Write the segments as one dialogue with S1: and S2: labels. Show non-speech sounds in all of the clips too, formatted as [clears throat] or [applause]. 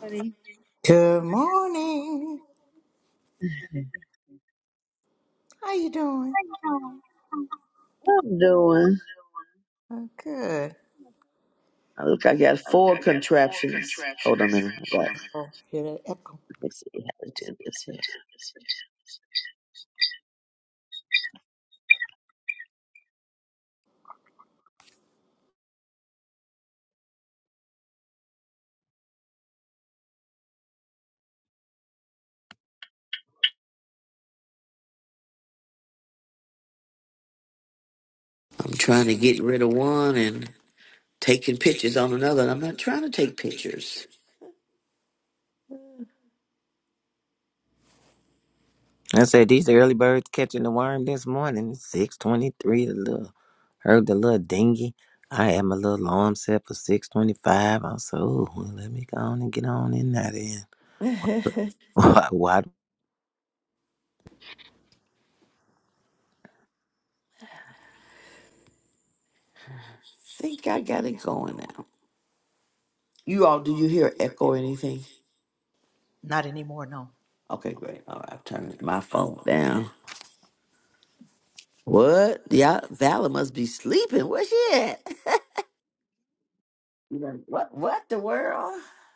S1: Buddy.
S2: Good morning. How you doing?
S1: What I'm doing.
S2: Oh, good.
S1: I look, I got four contraptions. Hold on a minute. I got, let
S2: Oh, hear that echo?
S1: me see how to do this here.
S3: I'm trying to get rid of one and taking pictures on another. And I'm not trying to take pictures.
S4: I said these early birds catching the worm this morning. Six twenty-three. The little heard the little dingy. I had my little alarm set for six twenty-five. I said, "Oh, well, let me go on and get on in there then." [laughs]
S3: [laughs] Think
S4: What, what
S3: I got it going now. You all, do you hear echo or anything?
S2: Not anymore, no.
S3: Okay, great. All right, I've turned my phone down. What? Yeah, Valor must be sleeping. Where's she at? [laughs] You know, what? What the world?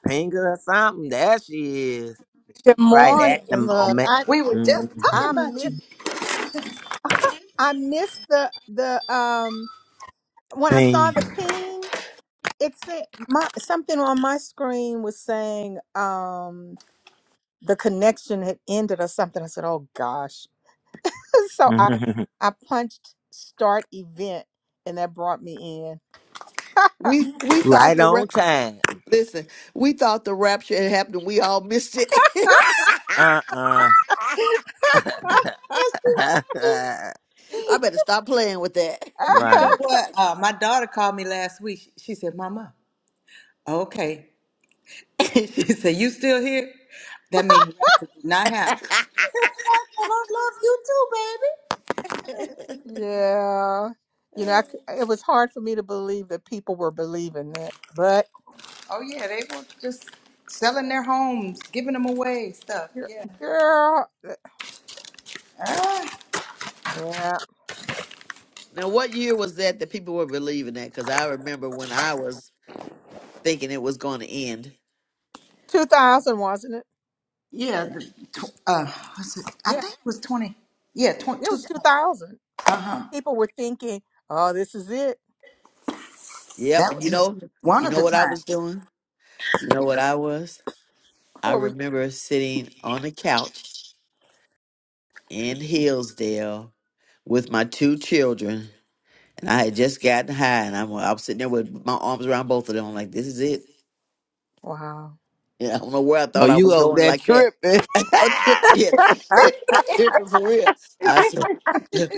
S4: finger or something? There she is,
S5: Good
S4: right
S5: morning.
S4: at the
S5: Look,
S4: moment.
S5: I
S2: We were
S4: hmm
S2: just talking
S5: I
S2: about you.
S5: missed [laughs] I missed the the um when I saw
S4: Pink,
S5: the ping, it said my something on my screen was saying um the connection had ended or something. I said, "Oh gosh." [laughs] So I
S4: [laughs]
S5: I punched start event and that brought me
S3: We we thought
S4: right
S3: the ra-
S4: on time.
S3: listen, we thought the rapture had happened. We all missed it.
S4: Uh uh
S5: in. [laughs]
S4: [laughs]
S2: Pastor.
S3: [laughs] I better stop playing with
S2: You know
S4: right.
S2: what? Uh, my daughter called me last week. She, she said, "Mama, okay." [laughs] she said, "You still here?" That means rapture did not happen.
S3: that.
S2: I said, "I love you too, baby."
S5: yeah. You know, I
S3: [laughs]
S5: c it was hard for me to believe that people were believing that, but
S2: Oh yeah, they were just selling their homes, giving them away, stuff.
S5: gir-
S2: Yeah.
S5: girl,
S2: Ah,
S5: yeah.
S3: Now, what year was that that people were believing that? Because I remember when I was thinking it was going to end.
S5: 2000, wasn't it?
S2: yeah. The, tw- uh, what's it? I
S5: Yeah,
S2: think it was twenty. Yeah, twenty
S5: it
S2: two.
S5: was 2000.
S2: Uh-huh.
S5: People were thinking, oh, this is it.
S3: Yep,
S2: That
S3: and
S2: was
S3: you
S2: just
S3: know,
S2: one
S3: you
S2: of
S3: know
S2: the
S3: what I was
S2: times.
S3: doing. You know what I was.
S5: [laughs]
S3: I
S5: What we-
S3: remember sitting on a couch in Hillsdale with my two children, and I had just gotten high, and I'm I was sitting there with my arms around both of them, like this is it.
S5: Wow.
S3: Yeah, I don't know where I
S4: Oh,
S3: thought I
S4: you
S3: was
S4: over
S3: going
S4: that
S3: like that.
S4: tripping?
S3: I thought tri-
S4: [laughs]
S3: yeah, tri- [laughs] tripping for real. I said,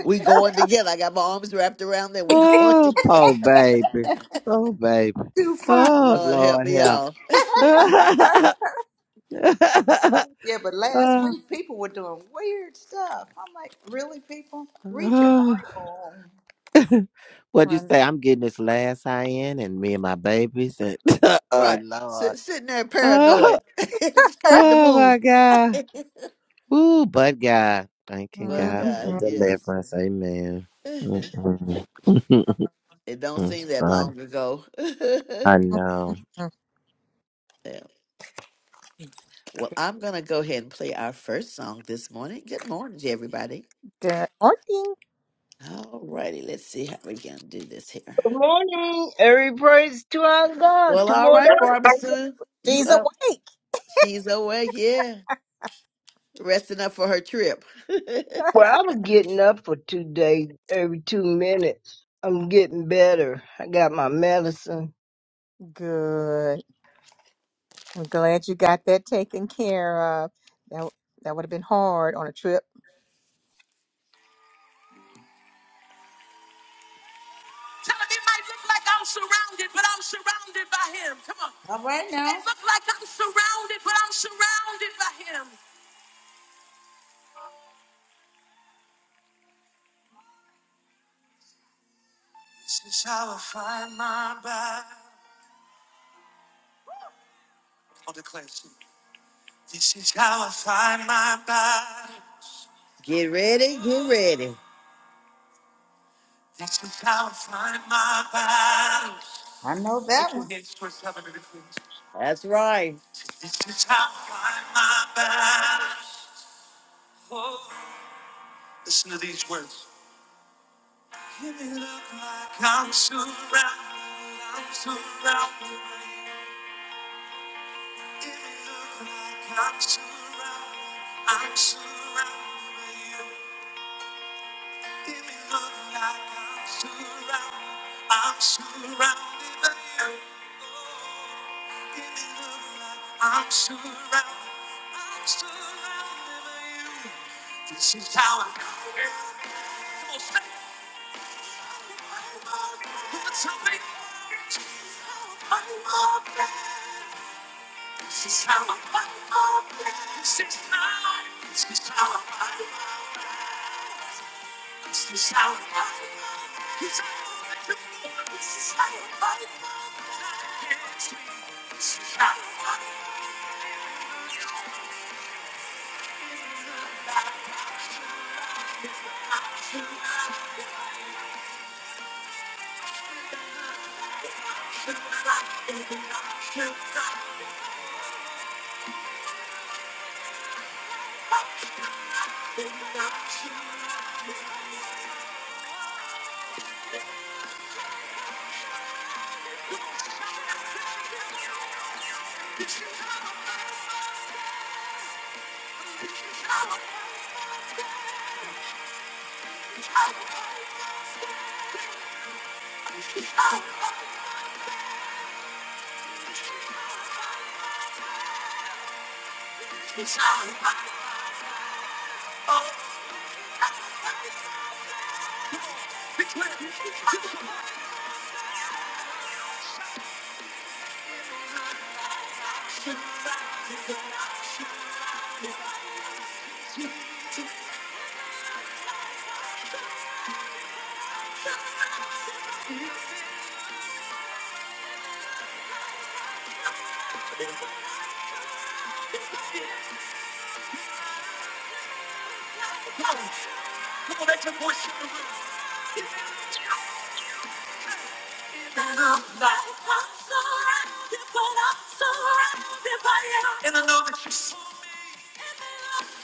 S3: we going together. I got my arms wrapped around there. We [laughs] going
S4: Oh,
S3: together.
S4: poor baby. Poor baby.
S2: Too fun.
S4: Oh,
S3: Lord help
S4: Lord
S3: me y'all.
S4: help.
S3: all.
S4: [laughs]
S2: Yeah, but last week people were doing weird stuff. I'm like, really, people? Read your Bible. [laughs]
S4: What'd you say? I'm getting this last high in and me and my babies and [laughs] oh
S3: Right.
S4: Lord.
S3: Sit, sitting there paranoid,
S4: Oh,
S3: [laughs] scared to
S4: oh
S3: move.
S4: my
S3: [laughs]
S4: God. Ooh, but God. Thanking
S3: but
S4: God for
S3: God,
S5: Mhm.
S3: yes.
S4: deliverance. Amen.
S3: [laughs] it
S4: Mm-mm. [laughs]
S3: don't seem
S4: It's
S3: that
S4: fun.
S3: long ago. [laughs]
S4: I know.
S3: Yeah. Well, I'm going to go ahead and play our first song this morning. Good morning to everybody.
S5: Good morning.
S3: All righty, let's see how we can do this here.
S6: Good morning. Every praise to our God.
S3: Well, all
S6: Tomorrow,
S3: right, Barbara Sue. You
S5: She's
S2: Mhm.
S3: up?
S5: awake.
S3: She's away, yeah. Resting up for her trip. [laughs] Tell him it might
S6: well, I was getting up for two days, every two minutes. I'm getting better. I got my medicine.
S5: Good. I'm glad you got that taken care of. That, that would have been hard on a trip.
S3: look like I'm surrounded, but I'm surrounded by him. Come on.
S2: All right
S3: It
S2: now.
S3: may look like I'm surrounded, but I'm surrounded by him. This is how I find my body. I'll declare it to you. This is how I find my body. get ready, get ready. This is how I find my body.
S2: I know that
S3: Lift your
S2: one.
S3: hands towards heaven and declare. That's right. This is how I fight my battles. Oh, Listen to these words. It may look like I'm surrounded, I'm surrounded. It may look like I'm surrounded, I'm surrounded. by you. It look like I'm surrounded. I'm surrounded by you. Oh, it look like I'm surrounded. I'm surrounded by you. This is how I feel. Come on, say it. Give it to I'm open. This is how I fight. This is how. I fight. This is how I fight. Come on, make your voice in the room. And I know that you saw me.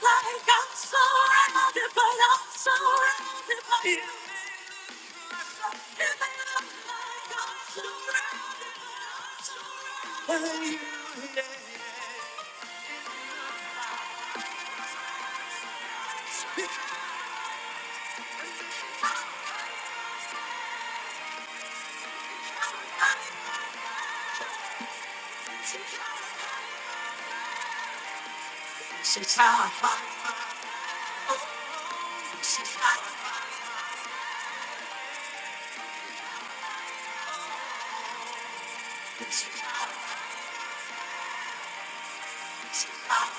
S3: Like I'm surrounded, but I'm surrounded by you. And I know like I'm surrounded, but I'm surrounded by you. Yeah, yeah. She's how I find, she's how I find, she's how I find, she's how I find.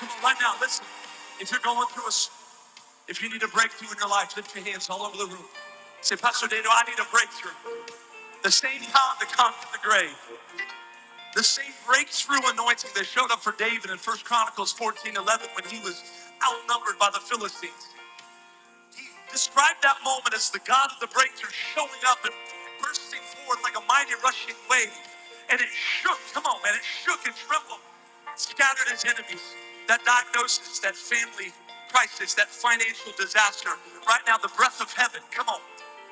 S3: Come on, Right now, listen. If you're going through a, if you need a breakthrough in your life, lift your hands all over the room. Say, Pastor Daniel, I need a breakthrough. The same God that conquered the grave, the same breakthrough anointing that showed up for David in 1 Chronicles 14:11 when he was outnumbered by the Philistines. He described that moment as the God of the breakthrough showing up and bursting forth like a mighty rushing wave. And it shook, come on, man, it shook and trembled, scattered his enemies. That diagnosis, that family crisis, that financial disaster. Right now, the breath of heaven, come on,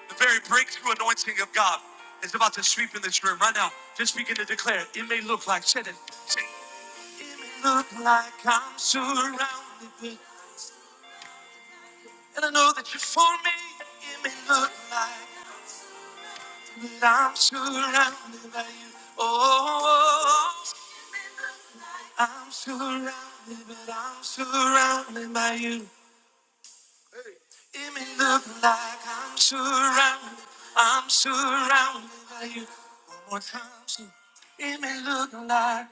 S3: the very breakthrough anointing of God is about to sweep in this room. Right now, just begin to declare, it may look like, said it, say, it It may look like I'm surrounded. with and I know that you for me, it may look like, but I'm surrounded by you. Oh, I'm surrounded, but I'm surrounded by you. It may look like I'm surrounded, I'm surrounded by you. One more time, so it may look like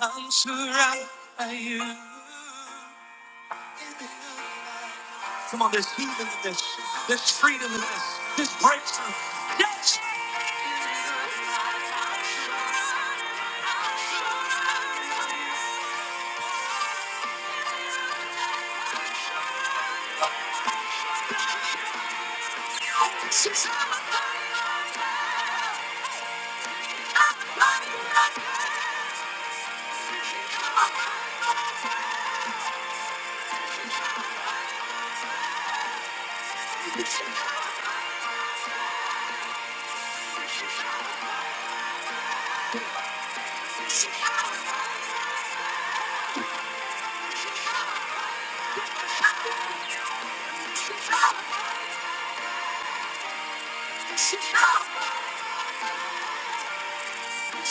S3: I'm surrounded by you. It may look like. Come on, there's healing in this. There's freedom in this. There's breakthrough. Yes!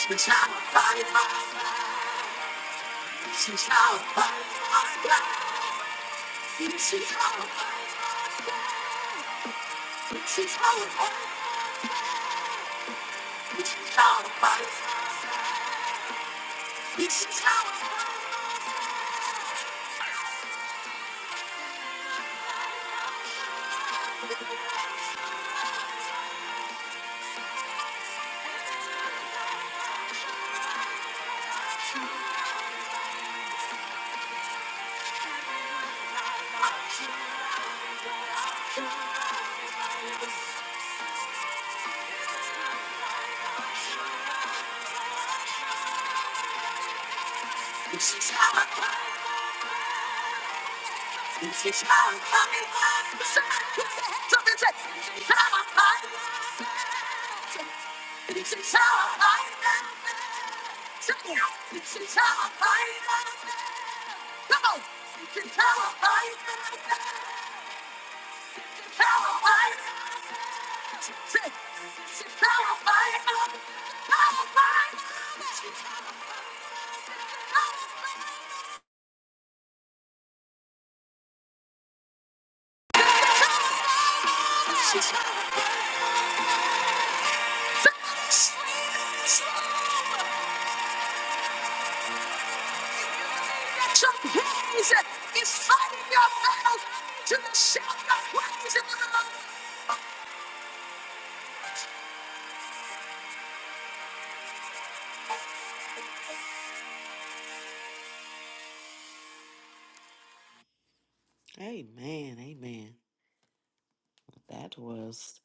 S3: The time of my life. She's out by my blood. She's out by She's out by She's out by She's out by She's out by She's out by Something said She's out by She's out by She's out by Come on She's out by Amen, amen. That was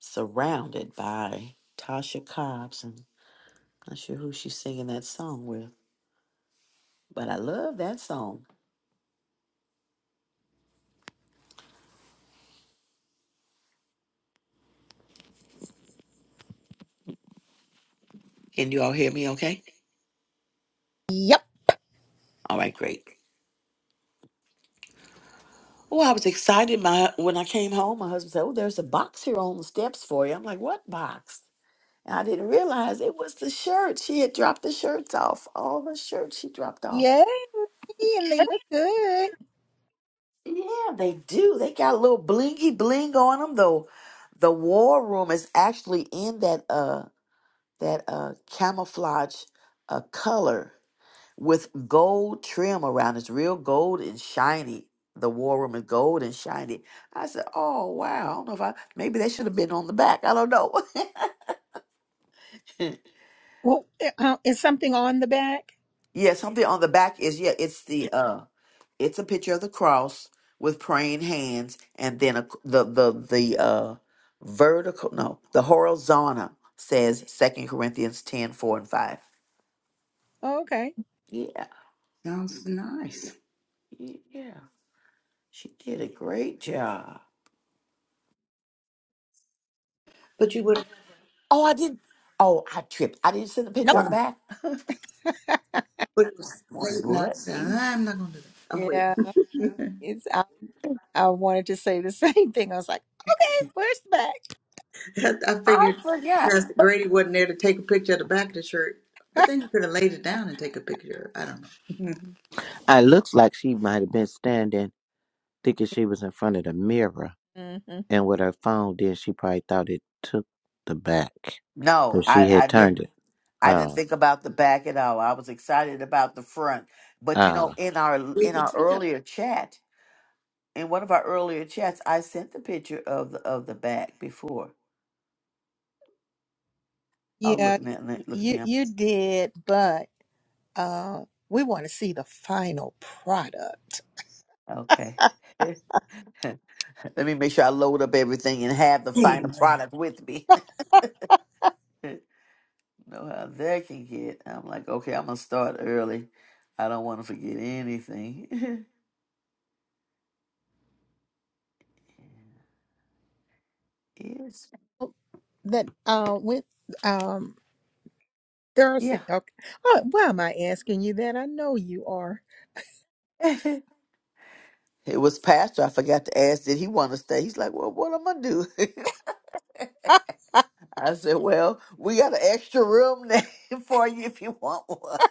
S3: surrounded by Tasha Cobbs Not sure who she's singing that song with, but I love that song. Can you all hear me okay?
S5: Yep.
S3: All right, great. Oh, I was excited my when I came home. My husband said, Oh, there's a box here on the steps for you. I'm like, What box? And I didn't realize it was the shirt. She had dropped the shirts off. All the shirts she dropped off.
S5: Yay. And they look good.
S3: Yeah, they do. They got a little blingy bling on them, though. The war room is actually in that uh that uh camouflage uh color. with gold trim around. It's real gold and shiny. The war room is gold and shiny. I said, "Oh wow! I don't know if I maybe they should have been on the back. I don't know." [laughs]
S5: Well, uh, is something on the back?
S3: yeah, something on the back is yeah. It's the uh, it's a picture of the cross with praying hands, and then a, the the the uh, vertical no, the horizontal says Second Corinthians 10 4 and five.
S5: Oh, okay.
S3: Yeah,
S2: Sounds nice.
S3: yeah, she did a great job.
S2: But you would
S3: Oh, I did. not Oh, I tripped. I didn't send a picture
S5: Nope.
S3: of the
S2: uh-uh.
S3: back. [laughs]
S5: [laughs]
S2: But it was late and I
S3: What?
S2: said, I'm not gonna do that. Oh
S5: Yeah.
S2: wait.
S5: It's, I, I wanted to say the [laughs] same thing. I was like, okay, where's the back?
S2: [laughs] I
S3: I
S2: figured
S3: forgot.
S2: Pastor
S3: But
S2: Grady wasn't there to take a picture of the back of the shirt. But then you could have laid it down and take a picture. I don't know.
S4: It looks like she might have been standing thinking she was in front of the mirror.
S5: hmm
S4: And what her phone, did, she probably thought it took the back,
S3: no,
S4: but she
S3: I, I
S4: had turned
S3: didn't.
S4: it.
S3: I didn't
S4: Uh,
S3: think about the back at all. I was excited about the front. But you
S4: uh.
S3: know, in
S2: [laughs]
S3: our
S2: We
S3: in
S2: could
S3: our
S2: tell.
S3: earlier chat, in one of our earlier chats, I sent the picture of the of the back before. Oh,
S5: Yeah,
S3: looking at me- look at
S5: you
S3: me. I'm,
S5: you did, but uh, we want to see the final product
S3: okay. [laughs] Let me make sure I load up everything and have the final
S2: Amen.
S3: product with me. [laughs] know how that can get. I'm like, okay, I'm gonna start early. I don't want to forget anything. [laughs] yes.
S5: that uh, with um
S3: Yeah.
S5: Thursday. Okay, oh, why am I asking you that? I know you are.
S3: [laughs] it was pastor. I forgot to ask, did he want to stay? He's like, well, what am I gonna do? [laughs] I said, well, we got an extra room there [laughs] for you if you want one.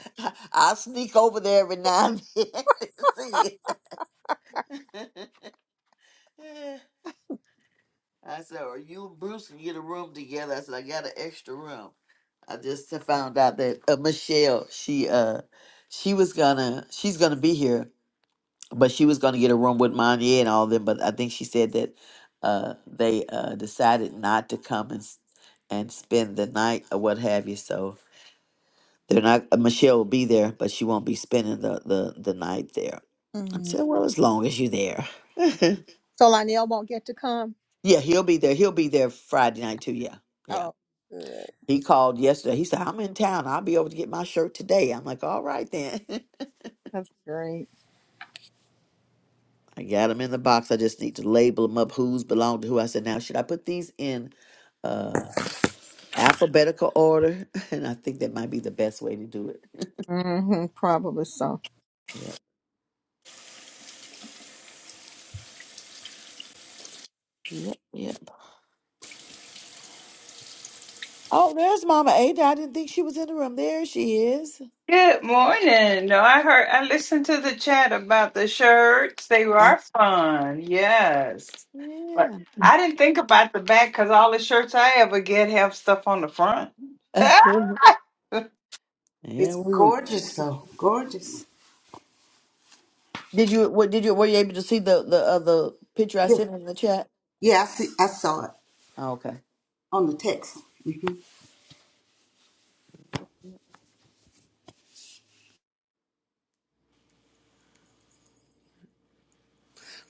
S3: [laughs] I'll sneak over there every now and then [laughs] to see you. [laughs] I said, "Are you and Bruce can get a room together?" I said, "I got an extra room." I just found out that uh, Michelle, she uh, she was gonna, she's gonna be here, but she was gonna get a room with Monia and all them. But I think she said that uh, they uh, decided not to come and s- and spend the night or what have you. So they're not. Uh, Michelle will be there, but she won't be spending the the, the night there. I
S5: Mm.
S3: said, "Well, as long as you're there,
S5: So Lionel won't get to come.
S3: [laughs] yeah, he'll be there. He'll be there Friday night too. Yeah, yeah."
S5: Oh, good.
S3: He called yesterday. He said, I'm in town. I'll be over to get my shirt today. I'm like, all right then. [laughs]
S5: That's great.
S3: I got them in the box. I just need to label them up who's belong to who. I said, now should I put these in uh alphabetical order? [laughs] And I think that might be the best way to do it. [laughs]
S5: hmm probably so.
S3: yep. Yep. Yep. Oh, there's Mama Ada. I didn't think she was in the room. There she is.
S7: Good morning. No, I heard, I listened to the chat about the shirts. They
S3: Uh,
S7: are fun. Yes. But
S3: yeah.
S7: I didn't think about the back because all the shirts I ever get have stuff on the front.
S3: [laughs]
S7: [laughs]
S3: yeah.
S2: It's
S3: we were-
S2: gorgeous though. Gorgeous.
S3: Did you what did you were you able to see the the other picture I
S2: Yeah,
S3: sent in the chat?
S2: yeah I, see, I saw it
S3: Oh, Okay.
S2: on the text.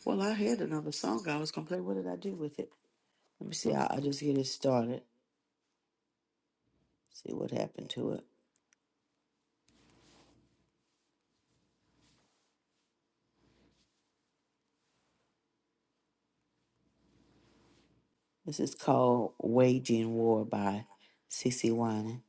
S3: Well, I had another song I was gonna play. What did I do with it? Let me see. I, I'll just get it started. See what happened to it. This is called "Waging War" by CC Winans.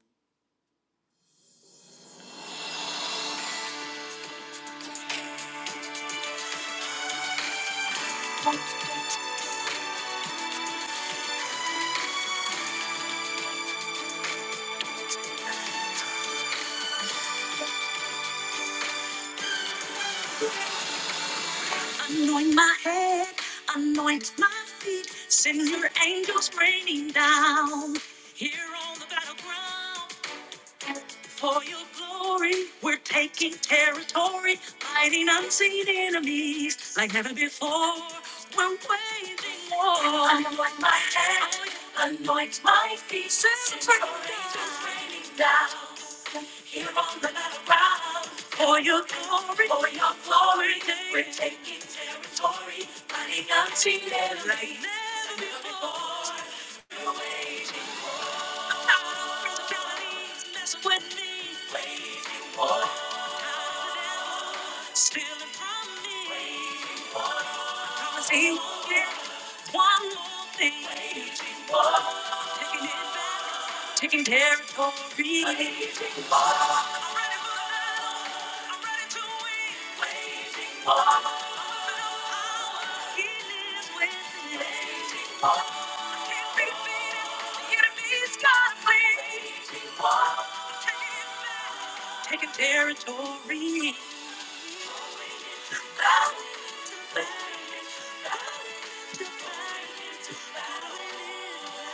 S3: Anoint my head, anoint my feet. Send your angels raining down here on the battleground. For your glory, we're taking territory, fighting unseen enemies like never before. We're waging war. Anoint my head, anoint my feet. Since Silver is raining down here on the ground. For your glory, for your glory, we're taking territory, fighting unseen enemies like never before. We're waging Stealing from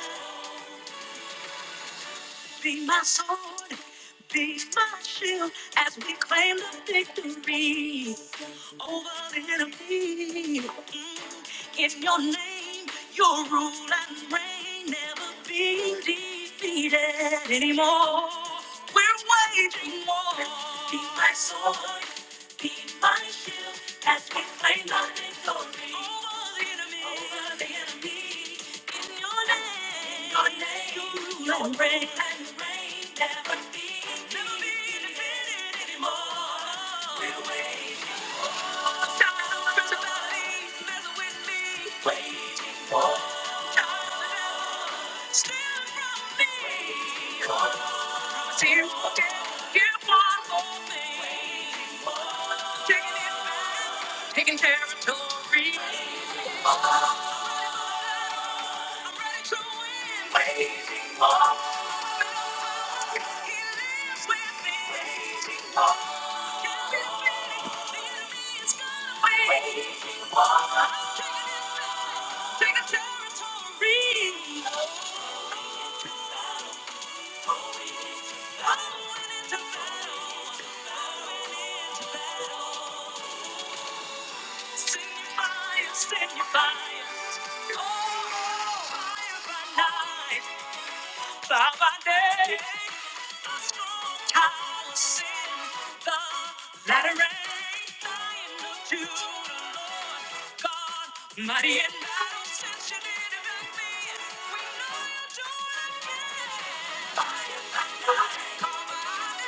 S3: me. Be my sword, be my shield as we claim the victory over the enemy. Mm. In your name, your rule and reign never being defeated anymore. We're waging war. Be my sword, be my shield as we claim the victory over the enemy. Over the enemy. In your name, your name, you will reign and never be never be defeated anymore. We for you, still see you again. for me, taking out, taking care of me. I'm running, waiting for He lives with me, waiting for you. Can't get ready, the enemy is going Waiting for you. Taking it back, taking territory. Send your fires, oh, fire by night, fire by day, a strong tower, sin, the latter rain, lion of Judah, Lord God, Mighty and battle, sent you to defend me. We know you'll do it again.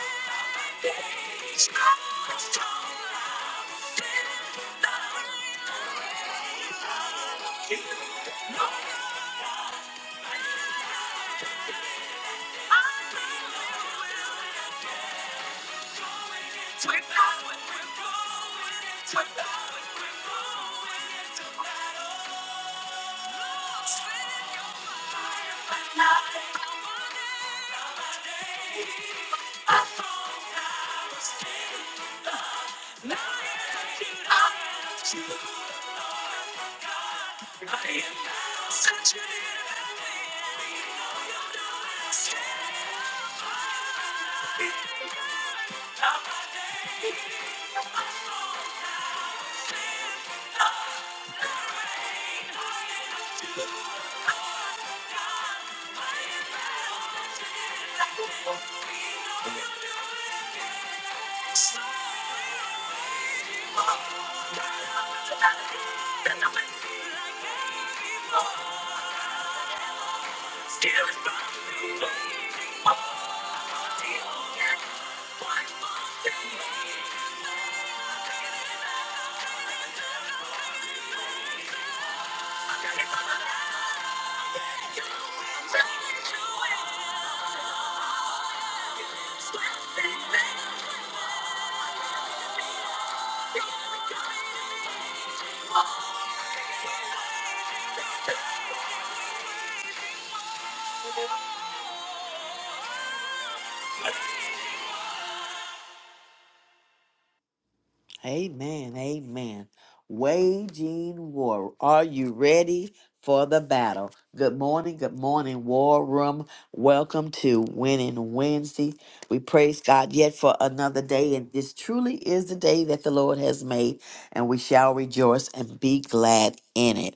S3: Amen. Amen. Waging war. Are you ready for the battle? Good morning. Good morning, War Room. Welcome to Winning Wednesday. We praise God yet for another day. And this truly is the day that the Lord has made, and we shall rejoice and be glad in it.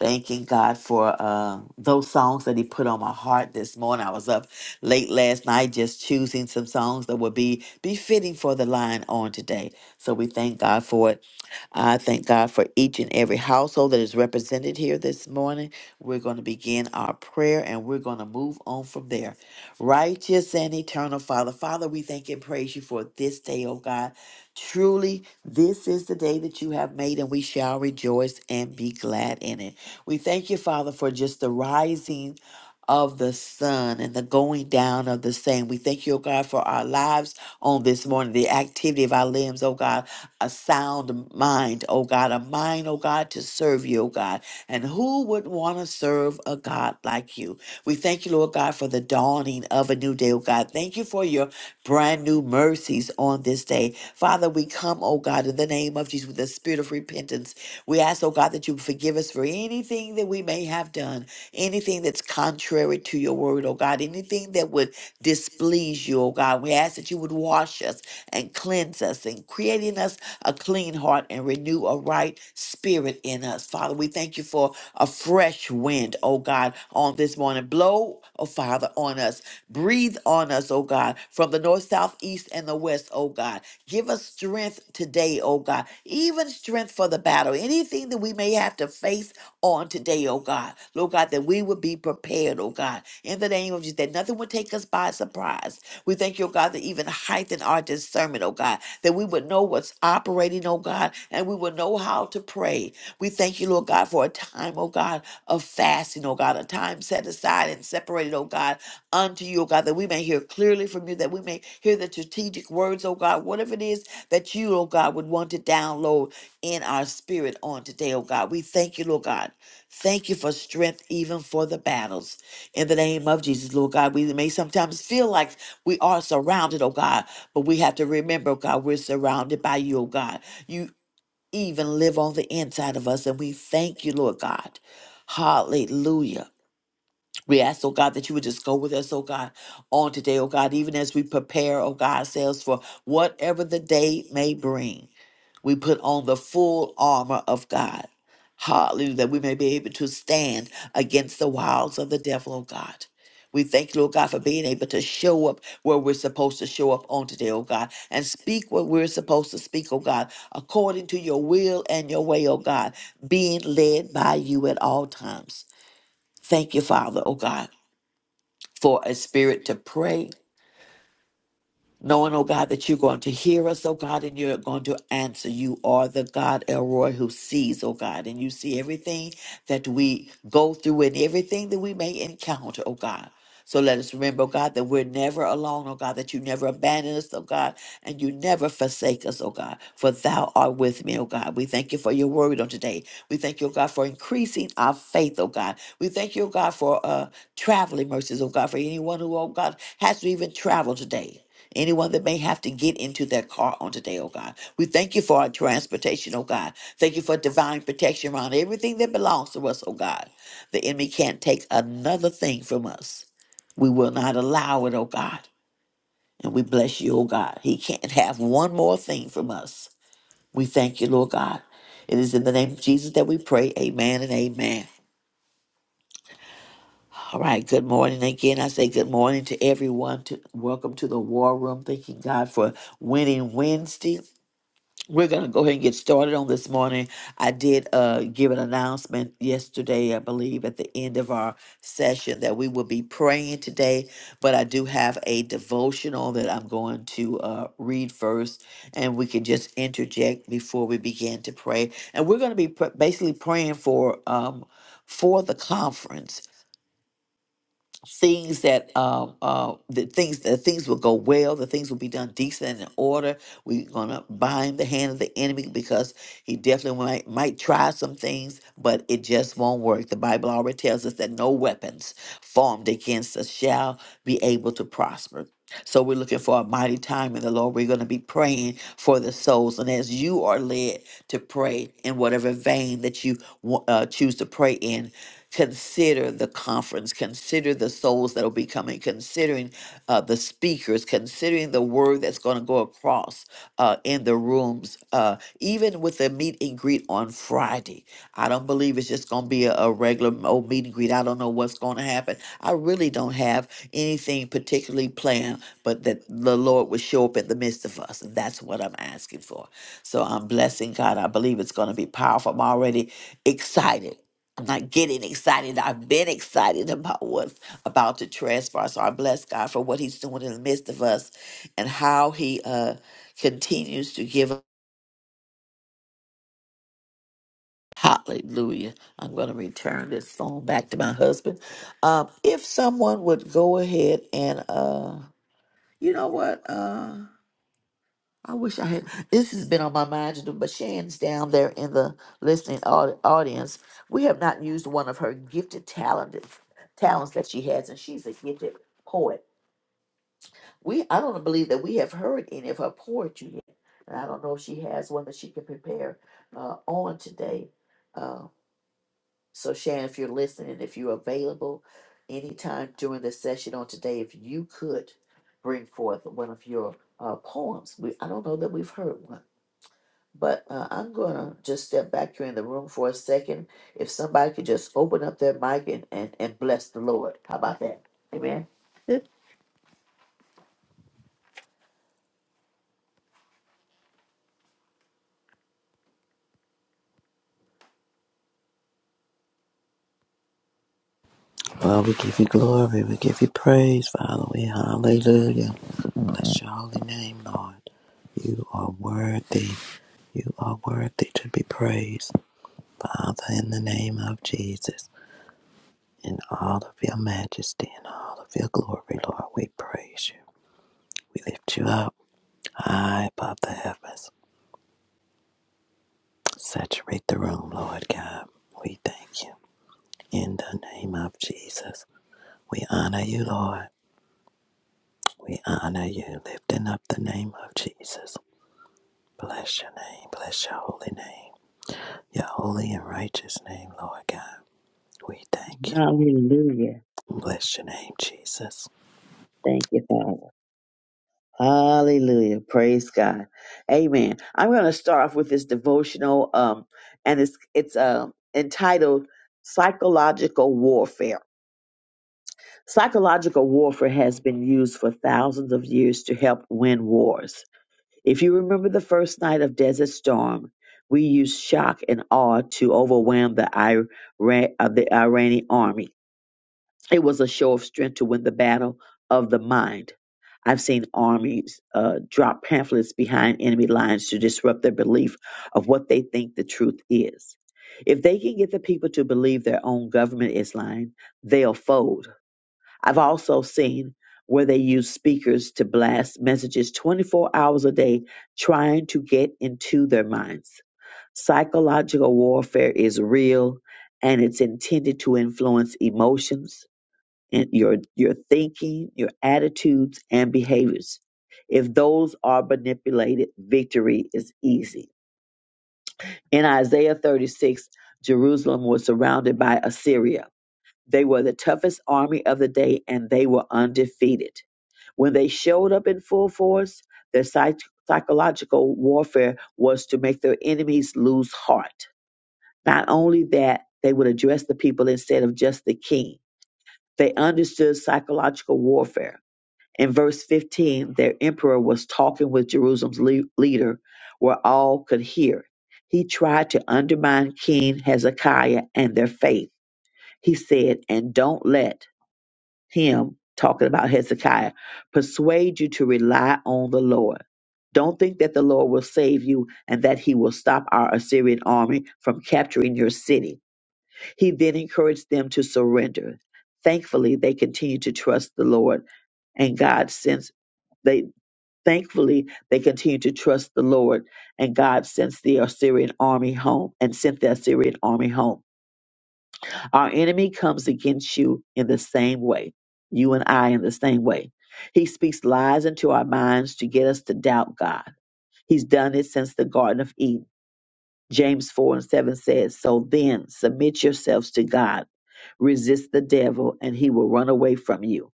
S3: Thanking God for uh, those songs that He put on my heart this morning. I was up late last night just choosing some songs that would be befitting for the line on today. So we thank God for it. I thank God for each and every household that is represented here this morning. We're going to begin our prayer and we're going to move on from there. Righteous and eternal Father, Father, we thank and praise you for this day, oh God. Truly, this is the day that you have made, and we shall rejoice and be glad in it. We thank you, Father, for just the rising of the sun and the going down of the same. We thank you, O God, for our lives on this morning, the activity of our limbs, O God, a sound mind, O God, a mind, O God, to serve you, O God. And who would want to serve a God like you? We thank you, Lord God, for the dawning of a new day, O God. Thank you for your brand new mercies on this day. Father, we come, O God, in the name of Jesus with the spirit of repentance. We ask, O God, that you forgive us for anything that we may have done anything that's contrary to your word, oh God, anything that would displease you, oh God. We ask that you would wash us and cleanse us and create in us a clean heart and renew a right spirit in us. Father, we thank you for a fresh wind, oh God, on this morning. Blow, oh Father, on us. Breathe on us, oh God, from the north, south, east, and the west, oh God. Give us strength today, oh God, even strength for the battle. Anything that we may have to face on today, oh God. God. Lord God, that we would be prepared, oh God, in the name of Jesus, that nothing would take us by surprise. We thank you, oh God, that even heighten our discernment, oh God, that we would know what's operating, oh God, and we would know how to pray. We thank you, Lord God, for a time, oh God, of fasting, oh God, a time set aside and separated, oh God, unto you, oh God, that we may hear clearly from you, that we may hear the strategic words, oh God, whatever it is that you, oh God, would want to download in our spirit on today, oh God. We thank you, Lord God. Thank you for strength even for the battles. In the name of Jesus, Lord God, we may sometimes feel like we are surrounded, oh God, but we have to remember, oh God, we're surrounded by you, oh God. You even live on the inside of us, and we thank you, Lord God. Hallelujah. We ask, oh God, that you would just go with us, oh God, on today, oh God, even as we prepare, oh God, ourselves for whatever the day may bring. We put on the full armor of God. Hallelujah, that we may be able to stand against the wiles of the devil, oh God. We thank you, Lord God, for being able to show up where we're supposed to show up on today, oh God, and speak what we're supposed to speak, oh God, according to your will and your way, oh God, being led by you at all times. Thank you, Father, oh God for a spirit to pray knowing, oh God, that you're going to hear us, oh God, and you're going to answer. You are the God, Elroy, who sees, oh God, and you see everything that we go through and everything that we may encounter, oh God. So let us remember, oh God, that we're never alone, oh God, that you never abandon us, oh God, and you never forsake us, oh God, for thou art with me, oh God. We thank you for your word on today. We thank you, oh God, for increasing our faith, oh God. We thank you, oh God, for uh, traveling mercies, oh God, for anyone who, oh God, has to even travel today. Anyone that may have to get into their car on today, oh God. We thank you for our transportation, oh God. Thank you for divine protection around everything that belongs to us, oh God. The enemy can't take another thing from us. We will not allow it, oh God. And we bless you, oh God. He can't have one more thing from us. We thank you, Lord God. It is in the name of Jesus that we pray. Amen and amen. All right, good morning again. I say good morning to everyone. To welcome to the war room. Thanking God for winning Wednesday. We're going to go ahead and get started on this morning. I did uh, give an announcement yesterday, I believe, at the end of our session that we will be praying today, but I do have a devotional that I'm going to uh, read first, and we can just interject before we begin to pray. And we're going to be pr- basically praying for. Um, for the conference things that um uh the things the things will go well the things will be done decent and in order we're gonna bind the hand of the enemy because he definitely might might try some things but it just won't work the bible already tells us that no weapons formed against us shall be able to prosper so we're looking for a mighty time in the lord we're going to be praying for the souls and as you are led to pray in whatever vein that you wa- uh, choose to pray in Consider the conference, consider the souls that will be coming, considering uh, the speakers, considering the word that's going to go across uh, in the rooms, uh, even with the meet and greet on Friday. I don't believe it's just going to be a, a regular old meet and greet. I don't know what's going to happen. I really don't have anything particularly planned, but that the Lord would show up in the midst of us. And that's what I'm asking for. So I'm blessing God. I believe it's going to be powerful. I'm already excited. I'm not getting excited. I've been excited about what's about to transpire. So I bless God for what He's doing in the midst of us and how He uh continues to give us- Hallelujah. I'm going to return this phone back to my husband. Um, if someone would go ahead and, uh, you know what? uh, I wish I had. This has been on my mind to do, but Shan's down there in the listening au- audience. We have not used one of her gifted talented talents that she has, and she's a gifted poet. We I don't believe that we have heard any of her poetry yet, and I don't know if she has one that she can prepare uh, on today. Uh, so Shan, if you're listening, if you're available anytime during the session on today, if you could bring forth one of your uh, poems, we I don't know that we've heard one. But uh, I'm going to just step back here in the room for a second. If somebody could just open up their mic and, and, and bless the Lord. How about that? Amen.
S4: Well, we give you glory. We give you praise, Father. We hallelujah. Bless your holy name, Lord. You are worthy. You are worthy to be praised, Father, in the name of Jesus. In all of your majesty and all of your glory, Lord, we praise you. We lift you up high above the heavens. Saturate the room, Lord God. We thank you. In the name of Jesus, we honor you, Lord. We honor you, lifting up the name of Jesus. Bless your name. Bless your holy name. Your holy and righteous name, Lord God. We thank you.
S1: Hallelujah.
S4: Bless your name, Jesus.
S1: Thank you, Father. Hallelujah. Praise God. Amen. I'm going to start off with this devotional, um, and it's it's um entitled Psychological Warfare. Psychological warfare has been used for thousands of years to help win wars. If you remember the first night of Desert Storm, we used shock and awe to overwhelm the Iran of the Iranian army. It was a show of strength to win the battle of the mind. I've seen armies uh, drop pamphlets behind enemy lines to disrupt their belief of what they think the truth is. If they can get the people to believe their own government is lying, they'll fold. I've also seen where they use speakers to blast messages 24 hours a day, trying to get into their minds. Psychological warfare is real and it's intended to influence emotions and your, your thinking, your attitudes, and behaviors. If those are manipulated, victory is easy. In Isaiah 36, Jerusalem was surrounded by Assyria. They were the toughest army of the day and they were undefeated when they showed up in full force, their psych- psychological warfare was to make their enemies lose heart. Not only that, they would address the people instead of just the king. They understood psychological warfare. In verse 15, their emperor was talking with Jerusalem's le- leader where all could hear. He tried to undermine King Hezekiah and their faith. He said, And don't let him talking about Hezekiah, persuade you to rely on the Lord. Don't think that the Lord will save you and that he will stop our Assyrian army from capturing your city. He then encouraged them to surrender. Thankfully, they continued to trust the Lord and God since they thankfully they continued to trust the Lord and God sent the Assyrian army home and sent the Assyrian army home. Our enemy comes against you in the same way, you and I in the same way. He speaks lies into our minds to get us to doubt God. He's done it since the Garden of Eden. James 4 and 7 says, So then, submit yourselves to God, resist the devil, and he will run away from you.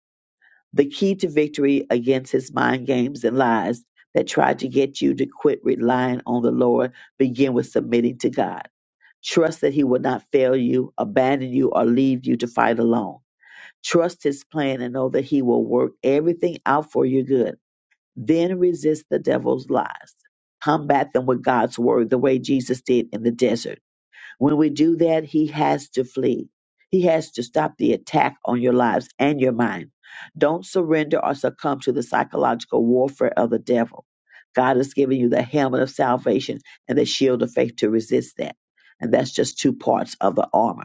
S1: The key to victory against his mind games and lies that try to get you to quit relying on the Lord begin with submitting to God. Trust that He will not fail you, abandon you, or leave you to fight alone. Trust His plan and know that He will work everything out for your good. Then resist the devil's lies. Combat them with God's word, the way Jesus did in the desert. When we do that, he has to flee. He has to stop the attack on your lives and your mind. Don't surrender or succumb to the psychological warfare of the devil. God has given you the helmet of salvation and the shield of faith to resist that. And that's just two parts of the armor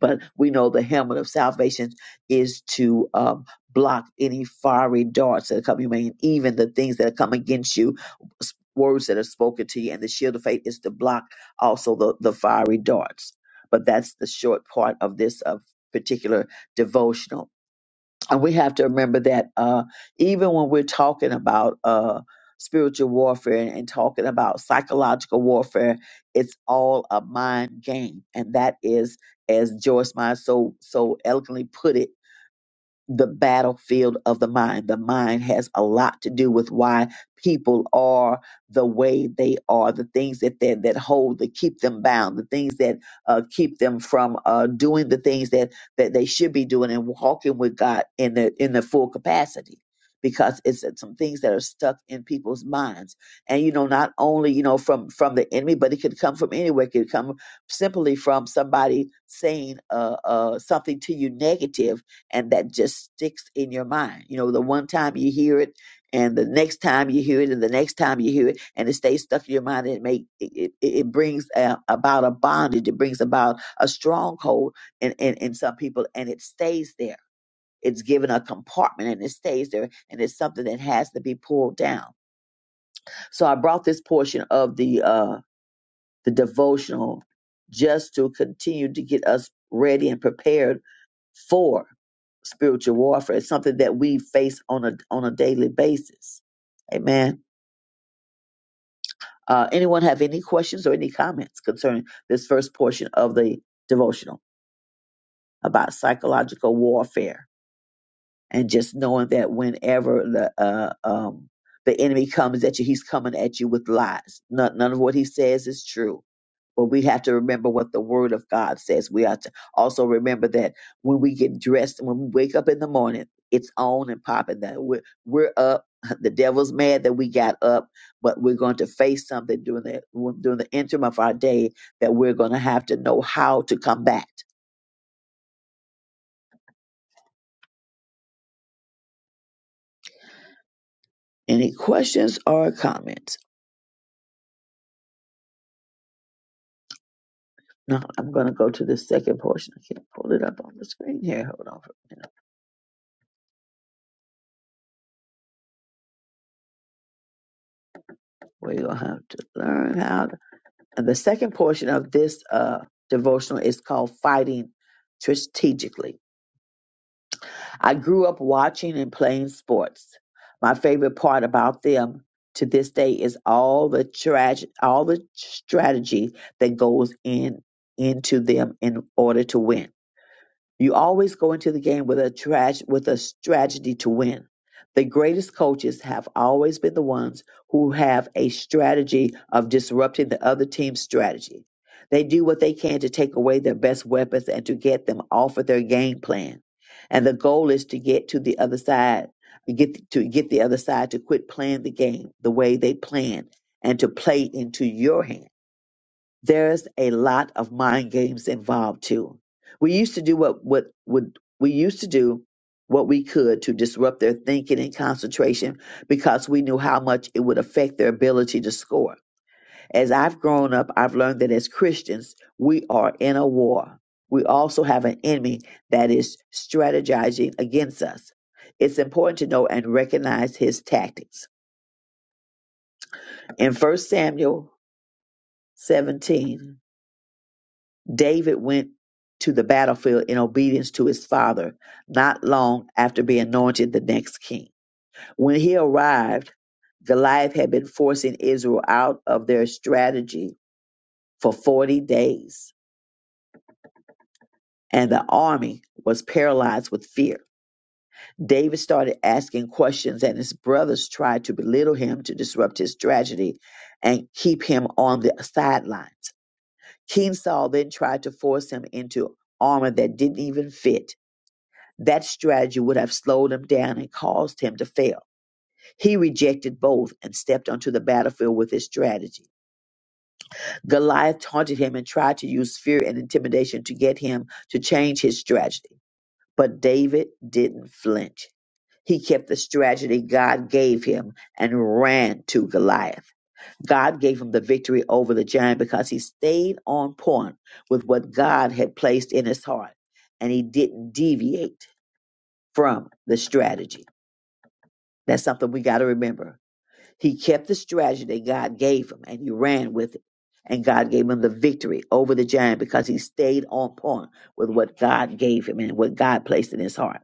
S1: but we know the helmet of salvation is to um, block any fiery darts that come your way, and even the things that come against you, s- words that are spoken to you, and the shield of faith is to block also the, the fiery darts. But that's the short part of this uh, particular devotional and we have to remember that uh, even when we're talking about uh, spiritual warfare and, and talking about psychological warfare, it's all a mind game, and that is, as Joyce Meyer so so eloquently put it, the battlefield of the mind. The mind has a lot to do with why people are the way they are, the things that that, that hold, that keep them bound, the things that uh, keep them from uh, doing the things that that they should be doing and walking with God in the in the full capacity. Because it's some things that are stuck in people's minds, and you know, not only you know from from the enemy, but it could come from anywhere. It could come simply from somebody saying uh, uh, something to you negative, and that just sticks in your mind. You know, the one time you hear it, and the next time you hear it, and the next time you hear it, and it stays stuck in your mind. And it make it, it, it brings a, about a bondage. It brings about a stronghold in, in in some people, and it stays there. It's given a compartment and it stays there, and it's something that has to be pulled down. So I brought this portion of the uh, the devotional, just to continue to get us ready and prepared for spiritual warfare. It's something that we face on a on a daily basis. Amen. Uh, anyone have any questions or any comments concerning this first portion of the devotional about psychological warfare and just knowing that whenever the uh, um, the enemy comes at you, he's coming at you with lies. None, none of what he says is true But we have to remember what the word of God says. We have to also remember that when we get dressed, when we wake up in the morning, it's on and popping that we're, we're up. [laughs] The devil's mad that we got up, but we're going to face something during the during the interim of our day that we're going to have to know how to combat. Any questions or comments? No, I'm going to go to the second portion. I can't pull it up on the screen here. Hold on for a minute. We're going to have to learn how to. And the second portion of this uh, devotional is called Fighting Strategically. I grew up watching and playing sports. My favorite part about them to this day is all the trage- all the strategy that goes in into them in order to win. You always go into the game with a trage- with a strategy to win. The greatest coaches have always been the ones who have a strategy of disrupting the other team's strategy. They do what they can to take away their best weapons and to get them off of their game plan. And the goal is to get to the other side, get to get the other side to quit playing the game the way they plan and to play into your hand there's a lot of mind games involved too. We used to do what what would we used to do what we could to disrupt their thinking and concentration because we knew how much it would affect their ability to score. As I've grown up, I've learned that as Christians, we are in a war. We also have an enemy that is strategizing against us. It's important to know and recognize his tactics. In First Samuel 17, David went to the battlefield in obedience to his father not long after being anointed the next king. When he arrived, Goliath had been forcing Israel out of their strategy for 40 days, and the army was paralyzed with fear. David started asking questions, and his brothers tried to belittle him to disrupt his strategy and keep him on the sidelines. King Saul then tried to force him into armor that didn't even fit That strategy would have slowed him down and caused him to fail. He rejected both and stepped onto the battlefield with his strategy. Goliath taunted him and tried to use fear and intimidation to get him to change his strategy. But David didn't flinch. He kept the strategy God gave him and ran to Goliath. God gave him the victory over the giant because he stayed on point with what God had placed in his heart and he didn't deviate from the strategy. That's something we got to remember. He kept the strategy that God gave him and he ran with it. And God gave him the victory over the giant because he stayed on point with what God gave him and what God placed in his heart.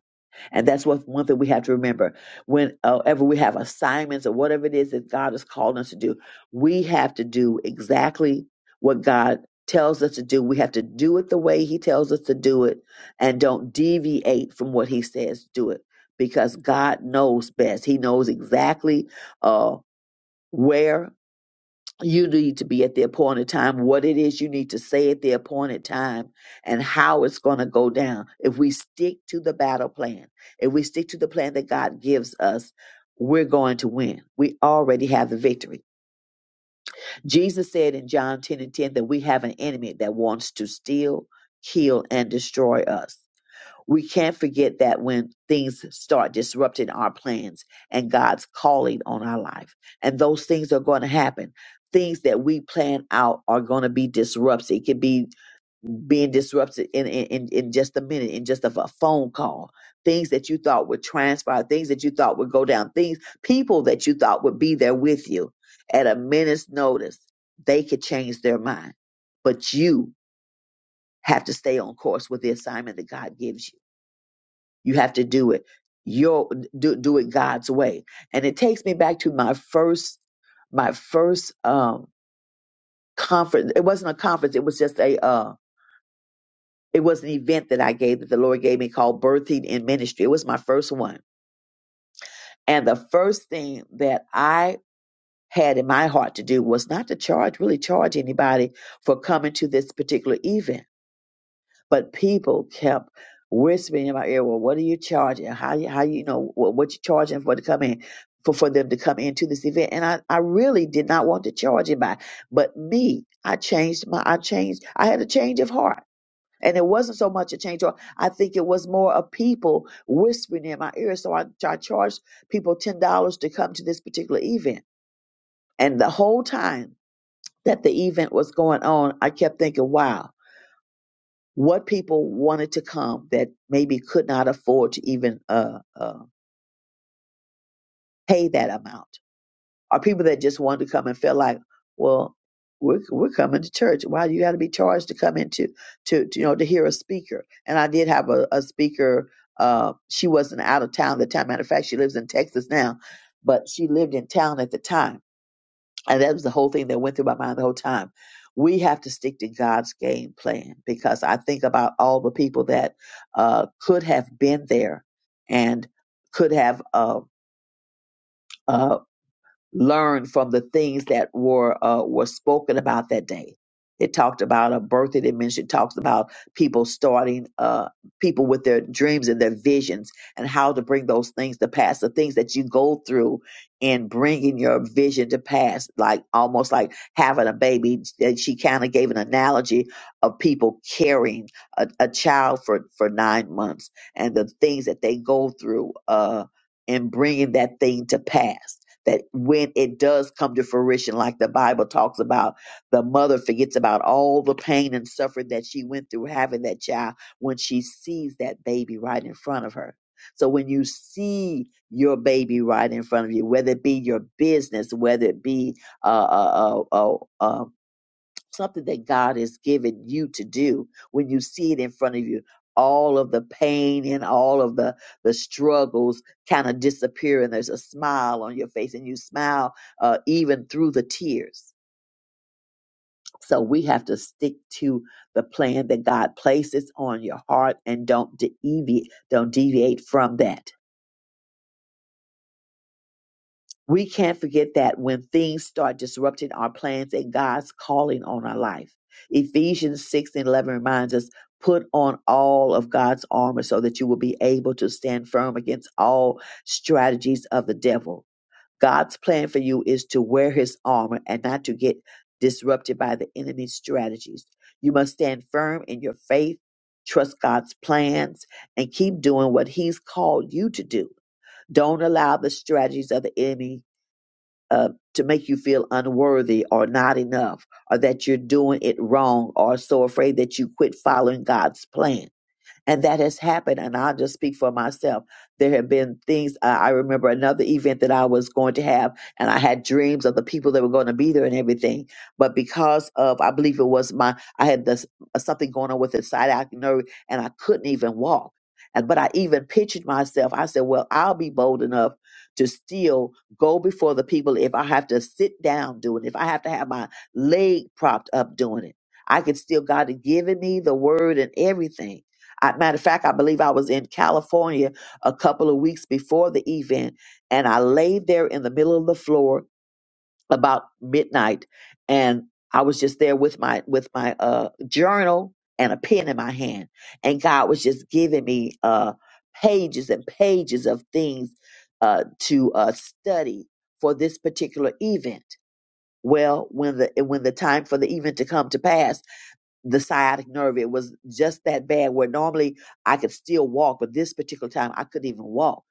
S1: And that's what one thing we have to remember. Whenever we have assignments or whatever it is that God has called us to do, we have to do exactly what God tells us to do. We have to do it the way He tells us to do it and don't deviate from what He says do it because God knows best. He knows exactly uh, where you need to be at the appointed time, what it is you need to say at the appointed time, and how it's going to go down. If we stick to the battle plan, if we stick to the plan that God gives us, we're going to win. We already have the victory. Jesus said in John 10 and 10 that we have an enemy that wants to steal, kill, and destroy us we can't forget that when things start disrupting our plans and God's calling on our life, and those things are going to happen. Things that we plan out are going to be disrupted. It could be being disrupted in, in, in just a minute, in just a, a phone call. Things that you thought would transpire, things that you thought would go down, things, people that you thought would be there with you at a minute's notice, they could change their mind. But you have to stay on course with the assignment that God gives you you have to do it your do, do it God's way. And it takes me back to my first my first um conference it wasn't a conference it was just a uh it was an event that i gave that the lord gave me called birthing in ministry it was my first one and the first thing that i had in my heart to do was not to charge really charge anybody for coming to this particular event But people kept whispering in my ear, "Well, what are you charging? How you how you know what, what you charging for to come in for for them to come into this event?" And I I really did not want to charge anybody, but me, I changed my I changed I had a change of heart. And it wasn't so much a change. of heart. I think it was more of people whispering in my ear. So I, I charged people ten dollars to come to this particular event. And the whole time that the event was going on, I kept thinking, "Wow, what people wanted to come that maybe could not afford to even uh, uh, pay that amount, or people that just wanted to come and felt like, well, we're we're coming to church. Why you got to be charged to come into to, to you know to hear a speaker? And I did have a, a speaker. Uh, she wasn't out of town at the time. Matter of fact, she lives in Texas now, but she lived in town at the time and that was the whole thing that went through my mind the whole time. We have to stick to God's game plan because I think about all the people that uh, could have been there and could have uh, uh, learn from the things that were uh, were spoken about that day. It talked about a birthday dimension. It talks about people starting, uh, people with their dreams and their visions, and how to bring those things to pass. The things that you go through in bringing your vision to pass, like almost like having a baby. And she kind of gave an analogy of people carrying a, a child for for nine months and the things that they go through uh, in bringing that thing to pass that when it does come to fruition, like the Bible talks about, the mother forgets about all the pain and suffering that she went through having that child when she sees that baby right in front of her. So when you see your baby right in front of you, whether it be your business, whether it be uh, uh, uh, uh, um, something that God has given you to do when you see it in front of you. All of the pain and all of the, the struggles kind of disappear, and there's a smile on your face, and you smile uh, even through the tears. So we have to stick to the plan that God places on your heart and don't deviate, don't deviate from that We can't forget that when things start disrupting our plans and God's calling on our life. Ephesians 6 and 11 reminds us put on all of God's armor so that you will be able to stand firm against all strategies of the devil. God's plan for you is to wear his armor and not to get disrupted by the enemy's strategies. You must stand firm in your faith, trust God's plans, and keep doing what he's called you to do. Don't allow the strategies of the enemy uh, to make you feel unworthy or not enough or that you're doing it wrong or so afraid that you quit following God's plan and that has happened and i'll just speak for myself there have been things uh, i remember another event that i was going to have and i had dreams of the people that were going to be there and everything but because of i believe it was my i had this uh, something going on with the sciatic nerve and i couldn't even walk and but i even pictured myself i said well i'll be bold enough to still go before the people if i have to sit down doing it if i have to have my leg propped up doing it i could still god had given me the word and everything I, matter of fact, I believe I was in California a couple of weeks before the event, and I laid there in the middle of the floor about midnight, and I was just there with my with my uh, journal and a pen in my hand, and God was just giving me uh, pages and pages of things uh, to uh, study for this particular event. Well, when the when the time for the event to come to pass the sciatic nerve. It was just that bad where normally I could still walk, but this particular time I couldn't even walk.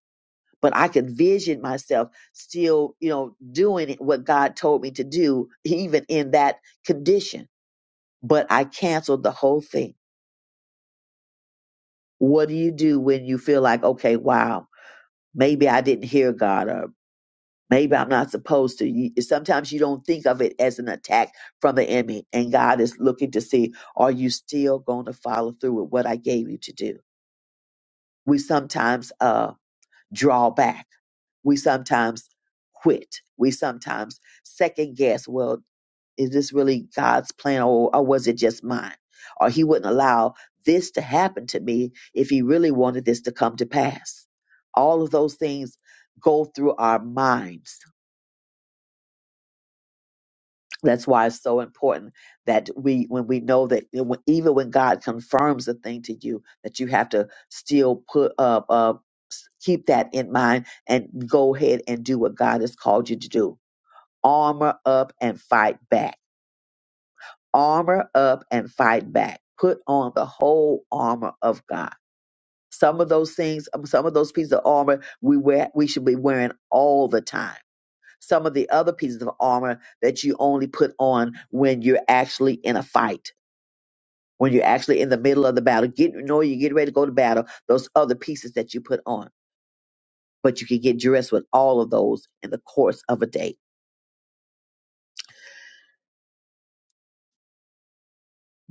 S1: But I could vision myself still, you know, doing what God told me to do, even in that condition. But I canceled the whole thing. What do you do when you feel like, okay, wow, maybe I didn't hear God or maybe I'm not supposed to? You, sometimes you don't think of it as an attack from the enemy, and God is looking to see, are you still going to follow through with what I gave you to do? We sometimes uh, draw back. We sometimes quit. We sometimes second guess. Well, is this really God's plan or, or was it just mine? Or he wouldn't allow this to happen to me if he really wanted this to come to pass. All of those things go through our minds That's why it's so important that we, when we know that, you know, when- even when God confirms a thing to you, that you have to still put up, uh, s- keep that in mind and go ahead and do what God has called you to do. Armor up and fight back. Armor up and fight back. Put on the whole armor of God. Some of those things, um, some of those pieces of armor, we wear, we should be wearing all the time some of the other pieces of armor that you only put on when you're actually in a fight, when you're actually in the middle of the battle. Get you know you get ready to go to battle, those other pieces that you put on. But you can get dressed with all of those in the course of a day.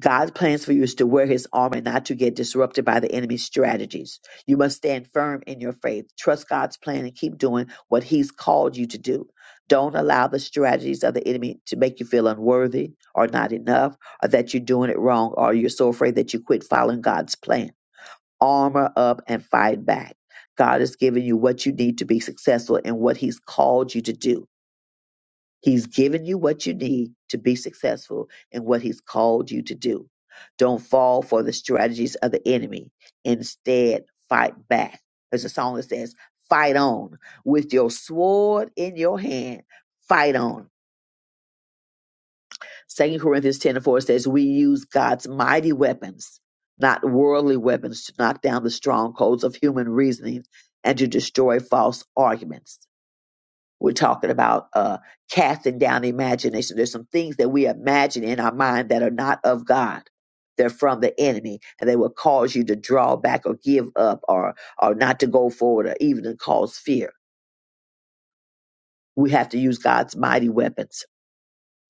S1: God's plans for you is to wear his armor and not to get disrupted by the enemy's strategies. You must stand firm in your faith. Trust God's plan and keep doing what he's called you to do. Don't allow the strategies of the enemy to make you feel unworthy or not enough or that you're doing it wrong or you're so afraid that you quit following God's plan. Armor up and fight back. God has given you what you need to be successful in what he's called you to do. He's given you what you need to be successful in what he's called you to do. Don't fall for the strategies of the enemy. Instead, fight back. There's a song that says, fight on with your sword in your hand. Fight on. Second Corinthians 10 and 4 says, we use God's mighty weapons, not worldly weapons to knock down the strongholds of human reasoning and to destroy false arguments. We're talking about uh, casting down imagination. There's some things that we imagine in our mind that are not of God. They're from the enemy, and they will cause you to draw back or give up or or not to go forward or even to cause fear. We have to use God's mighty weapons,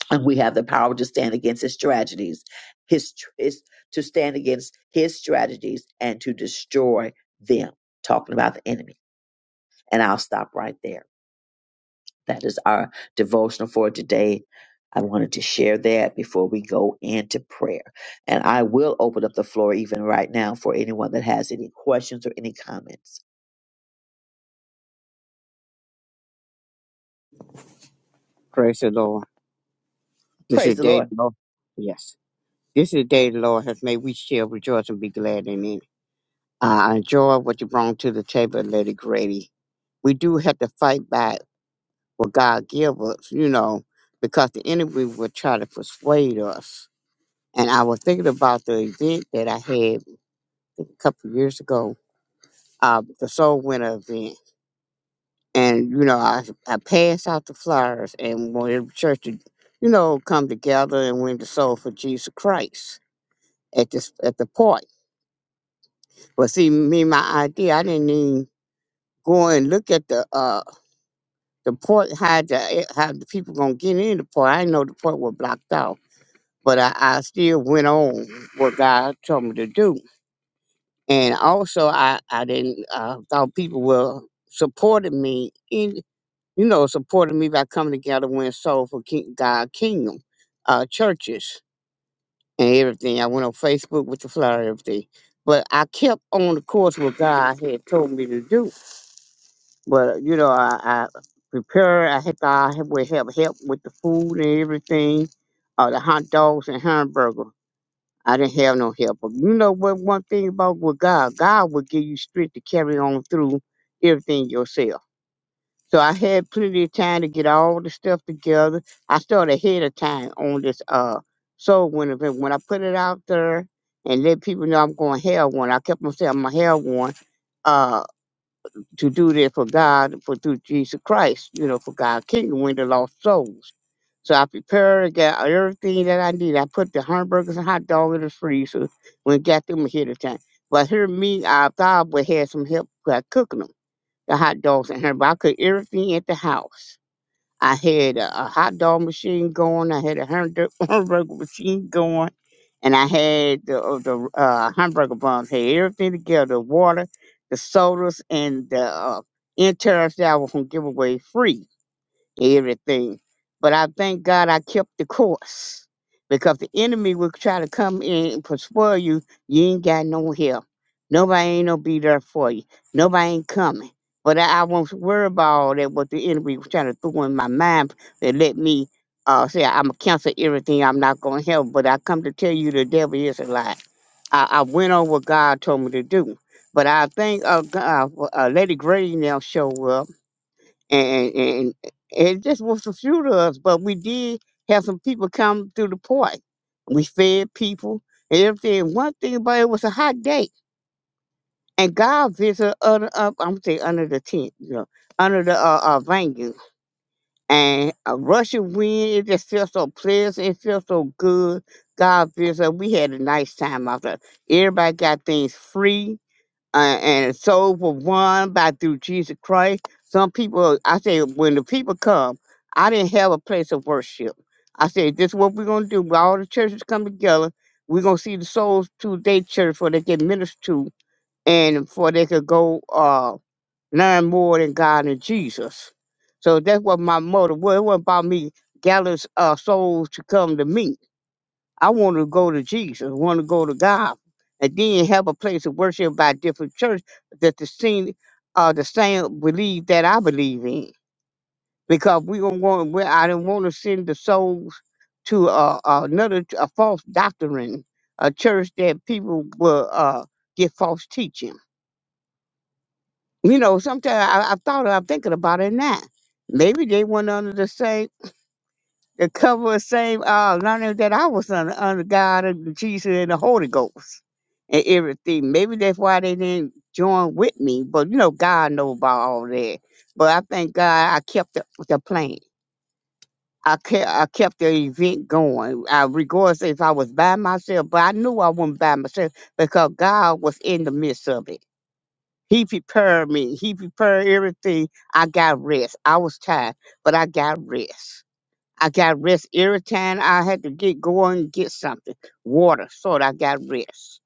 S1: and we have the power to stand against his strategies, his, his to stand against his strategies and to destroy them. Talking about the enemy, and I'll stop right there. That is our devotional for today. I wanted to share that before we go into prayer. And I will open up the floor even right now for anyone that has any questions or any comments.
S8: Praise the Lord. This is
S1: Praise
S8: the
S1: the
S8: day the
S1: Lord.
S8: Lord. Yes. This is the day the Lord has made. We shall rejoice and be glad in it. I enjoy what you brought to the table, Lady Grady. We do have to fight back what God give us, you know, because the enemy will try to persuade us. And I was thinking about the event that I had a couple of years ago, uh, the Soul Winner event. And, you know, I, I passed out the flyers and wanted the church to, you know, come together and win the soul for Jesus Christ at this at the port. But see, me my idea, I didn't even go and look at the uh the port how the how the people gonna get in the port. I didn't know the port was blocked off, but I, I still went on what God told me to do, and also I I didn't uh, thought people were supporting me in you know supporting me by coming together when soul for King, God Kingdom uh churches and everything. I went on Facebook with the flyer and everything. But I kept on the course what God had told me to do. But you know, I, I prepared. I had God had- would help help with the food and everything, uh, the hot dogs and hamburger. I didn't have no help. But you know what? One thing about with God, God will give you strength to carry on through everything yourself. So I had plenty of time to get all the stuff together. I started ahead of time on this uh soul winner event. When I put it out there and let people know I'm going hell one, I kept on saying I'm a hell one uh to do this for God for through Jesus Christ, you know, for God's kingdom win the lost souls. So I prepared, got everything that I need. I put the hamburgers and hot dog in the freezer when it got them ahead of time. But here me, I thought I would have some help by cooking them, the hot dogs and her, I cooked everything at the house. I had a, a hot dog machine going. I had a hamburger, [laughs] hamburger machine going, and I had the uh, the uh, hamburger buns. Had everything together: the water, the sodas, and the uh, interest that I was gonna give away free everything. But I thank God I kept the course because the enemy will try to come in and persuade you. You ain't got no help. Nobody ain't gonna be there for you. Nobody ain't coming. But I, I won't worry about all that what the enemy was trying to throw in my mind and let me uh, say I'm gonna cancel everything. I'm not gonna help. But I come to tell you the devil is a lie. I, I went on what God told me to do. But I think uh, G- uh, uh, Lady Gray now show up and, and it just was a few of us, but we did have some people come through the park. We fed people and everything. One thing about it was a hot day, and God visited under up. I'm gonna say under the tent, you know, under the uh, uh venue, and a rushing wind. It just felt so pleasant. It felt so good. God visited. We had a nice time out there. Everybody got things free uh, and soul for one by through Jesus Christ. Some people, I say, when the people come, I didn't have a place of worship. I said, this is what we're going to do. When All the churches come together. We're going to see the souls to their church for they get ministered to and for they could go uh, learn more than God and Jesus. So that's what my motto was. It wasn't about me gathering uh, souls to come to me I want to go to Jesus. want to go to God. And then have a place of worship by different church that the same uh the same believe that I believe in. Because we don't want we, I don't want to send the souls to uh, another a false doctrine, a church that people will uh get false teaching. You know, sometimes I, I've thought I'm thinking about it now. Maybe they went under the same the cover of same uh not only that I was under, under God and Jesus and the Holy Ghost and everything. Maybe that's why they didn't join with me, but you know God know about all that. But I thank God I kept the, the plan. I kept I kept the event going. I regardless if I was by myself, but I knew I wasn't by myself because God was in the midst of it. He prepared me. He prepared everything. I got rest. I was tired, but I got rest. I got rest every time I had to get going and get something, water, so that I got rest.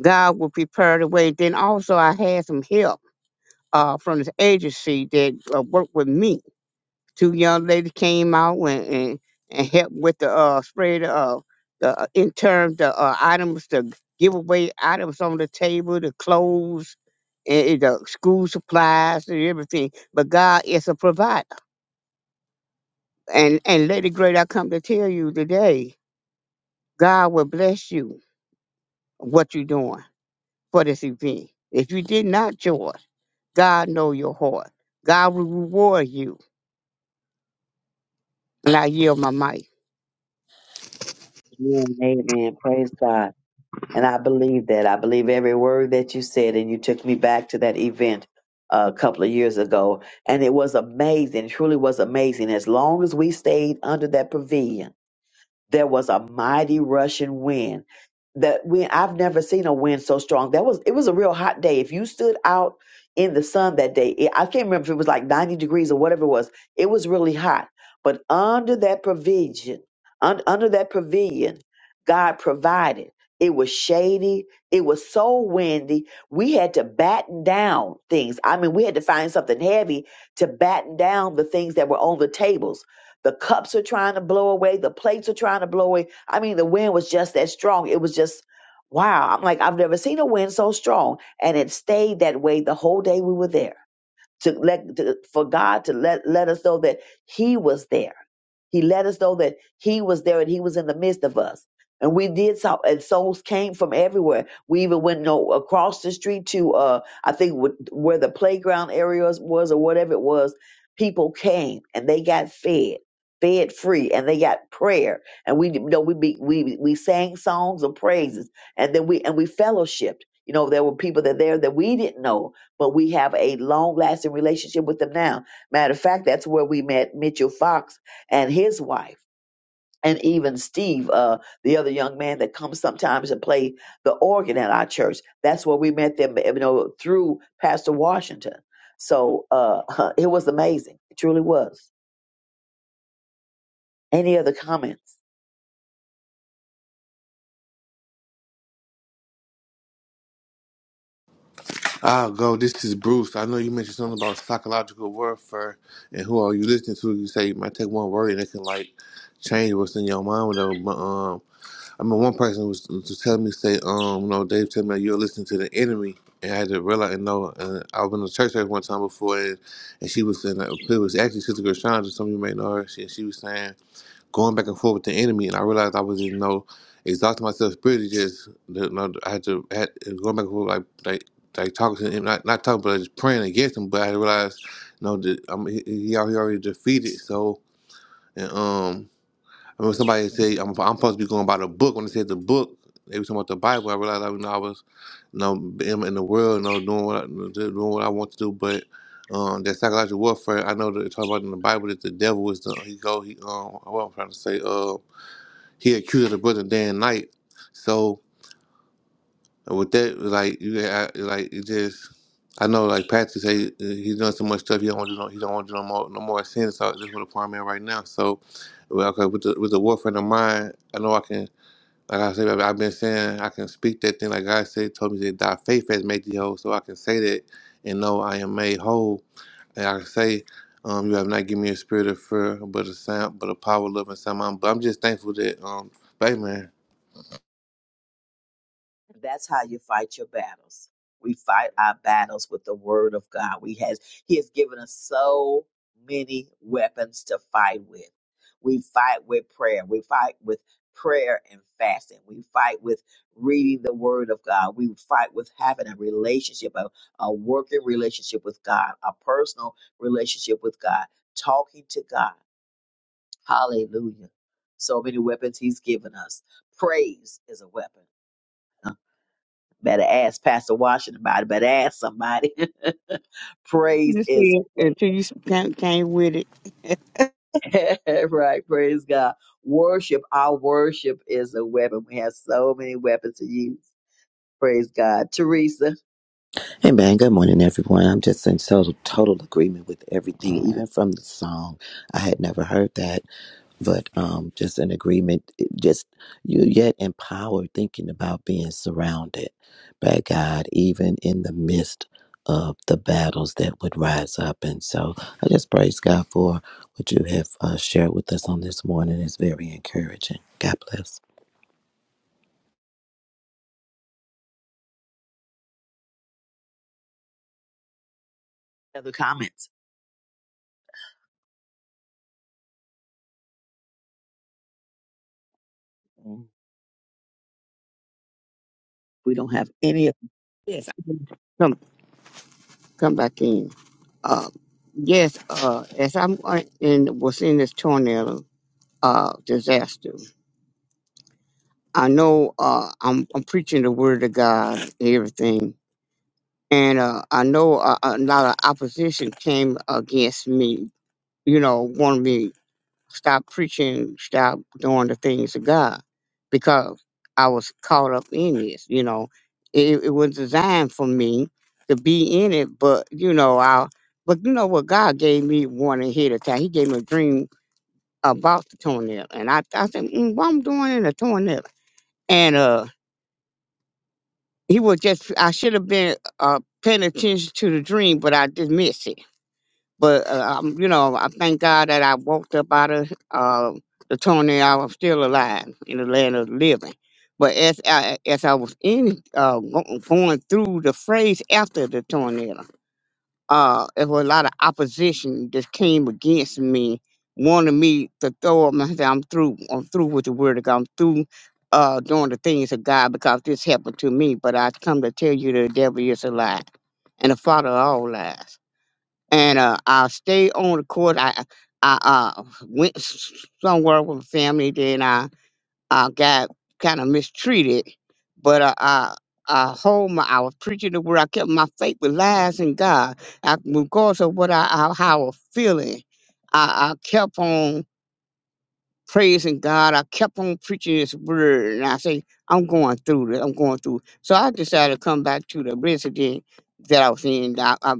S8: God will prepare the way. Then also I had some help uh, from this agency that uh, worked with me. Two young ladies came out and, and, and helped with the uh, spread of the uh, in terms the uh, items, the giveaway items on the table, the clothes, and, and the school supplies and everything. But God is a provider. And and Lady Great, I come to tell you today God will bless you what you're doing for this event. If you did not join, God know your heart. God will reward you. And I yield my mic.
S1: Amen. Amen. Praise God. And I believe that. I believe every word that you said. And you took me back to that event uh, a couple of years ago. And it was amazing. Truly was amazing. As long as we stayed under that pavilion. there was a mighty rushing wind. That wind I've never seen a wind so strong. That was it was a real hot day. If you stood out in the sun that day, it, I can't remember if it was like 90 degrees or whatever it was. It was really hot. But under that provision, un, under that pavilion, God provided. It was shady. It was so windy. We had to batten down things. I mean, we had to find something heavy to batten down the things that were on the tables the cups are trying to blow away. The plates are trying to blow away. I mean, the wind was just that strong. It was just, wow. I'm like, I've never seen a wind so strong. And it stayed that way the whole day we were there to let to, for God to let let us know that He was there. He let us know that He was there and He was in the midst of us. And we did so, and souls came from everywhere. We even went you know, across the street to, uh, I think, wh- where the playground areas was or whatever it was. People came and they got fed, fed free, and they got prayer. And we, you know, we be, we we sang songs of praises, and then we and we fellowshipped. You know, there were people that there that we didn't know, but we have a long lasting relationship with them now. Matter of fact, that's where we met Mitchell Fox and his wife, and even Steve, uh, the other young man that comes sometimes and play the organ at our church. That's where we met them, you know, through Pastor Washington. So uh, [laughs] it was amazing. It truly was. Any other comments?
S9: I'll go. This is Bruce. I know you mentioned something about psychological warfare and who are you listening to. You say you might take one word and it can like change what's in your mind. Whatever. But um, I mean, one person was, was telling me say um, you know, Dave told me you're listening to the enemy, and I had to realize and know. And I was in the church there one time before, and, and she was saying that it was actually Sister Gershon, some of you may know her. She, she was saying going back and forth with the enemy, and I realized I was, you know, exhausting myself spiritually. Just, you know, I had to had it was going back and forth like like like talking to him, not not talking, but just praying against him. But I realized, you know, that I'm, he, he al- he already defeated. So, and um, I remember somebody said I'm, I'm supposed to be going by the book. When they said the book, they were talking about the Bible. I realized, I, you know, I was, you know, in, in the world, you know, doing what I, doing what I want to do, but. Um, that psychological warfare, I know that it talks about in the Bible that the devil is the he go he um what I'm trying to say um he accused the brother Dan Knight. So with that, like you, I, like it just, I know like Patrick say uh, he's done so much stuff. He don't want to do no, he don't want to do no more no more sins. So this is what the prime man right now. So well, okay, with the with the warfare in mind, I know I can. Like I said, I've been saying I can speak that thing. Like God said, told me that thy faith has made thee whole. So I can say that and know I am made whole. And I can say. Um, you have not given me a spirit of fear, but a sound, but a power, of love, and sound mind. But I'm just thankful that, um, but, hey, man.
S1: That's how you fight your battles. We fight our battles with the word of God. We has He has given us so many weapons to fight with. We fight with prayer. We fight with prayer and fasting. We fight with reading the word of God. We fight with having a relationship, a, a working relationship with God, a personal relationship with God, talking to God. Hallelujah. So many weapons He's given us. Praise is a weapon. Better ask Pastor Washington about it. Better ask somebody. [laughs] praise
S8: You
S1: is
S8: see, until you came, came with it. [laughs]
S1: [laughs] right. Praise God. Worship. Our worship is a weapon. We have so many weapons to use. Praise God. Teresa.
S4: Amen. Good morning, everyone. I'm just in total, total agreement with everything, even from the song. I had never heard that but um, just an agreement. it Just you yet empowered thinking about being surrounded by God, even in the midst of the battles that would rise up. And so I just praise God for what you have uh, shared with us on this morning. It's very encouraging. God bless.
S1: Other comments? We don't have any. of-
S8: Yes. I'm- Come, come back in. Uh, yes. Uh, as I'm uh, in, was in this tornado uh disaster. I know. Uh, I'm I'm preaching the word of God and everything. And uh, I know a, a lot of opposition came against me you know, wanted me to stop preaching, stop doing the things of God because I was caught up in this, you know. It, it was designed for me to be in it, but you know, I but you know what God gave me one ahead of time. He gave me a dream about the toenail. And I, I said, mm, what I'm doing in a toenail. And uh he was just I should have been uh paying attention to the dream, but I just missed it But uh, I'm, you know, I thank God that I walked up out of uh, the tornado. I am still alive in the land of the living. But as I, as I was in uh, go- going through the phrase after the tornado, uh, there was a lot of opposition that came against me, wanted me to throw up my hand. I'm through. I'm through with the word of God. I'm through uh, doing the things of God because this happened to me. But I come to tell you, the devil is a lie, and the father of all lies and uh, I stayed on the court. I I uh, went s- somewhere with family. Then I I got kind of mistreated, but uh, I I hold my I was preaching the word. I kept my faith with lies in God. I, regardless of what I how, how I was feeling, I, I kept on praising God. I kept on preaching His word, and I say, I'm going through this. I'm going through. So I decided to come back to the resident that I was in. I, I,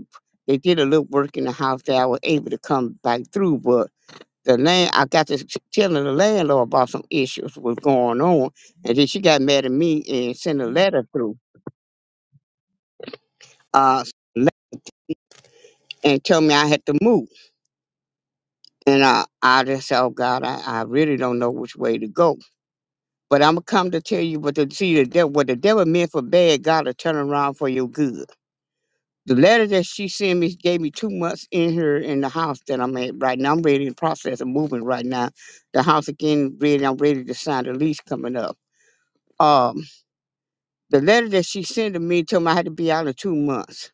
S8: they did a little work in the house that I was able to come back through, but the land I got to t- telling the landlord about some issues was going on, and then she got mad at me and sent a letter through. Uh, le- and tell me I had to move. And I, I just said, oh God, I, I really don't know which way to go. But I'm gonna come to tell you what the see the devil, what the devil meant for bad, God will turn around for your good. The letter that she sent me gave me two months in here in the house that I'm at right now. I'm ready in the process of moving right now. The house again ready. I'm ready to sign the lease coming up. Um, the letter that she sent to me told me I had to be out of two months.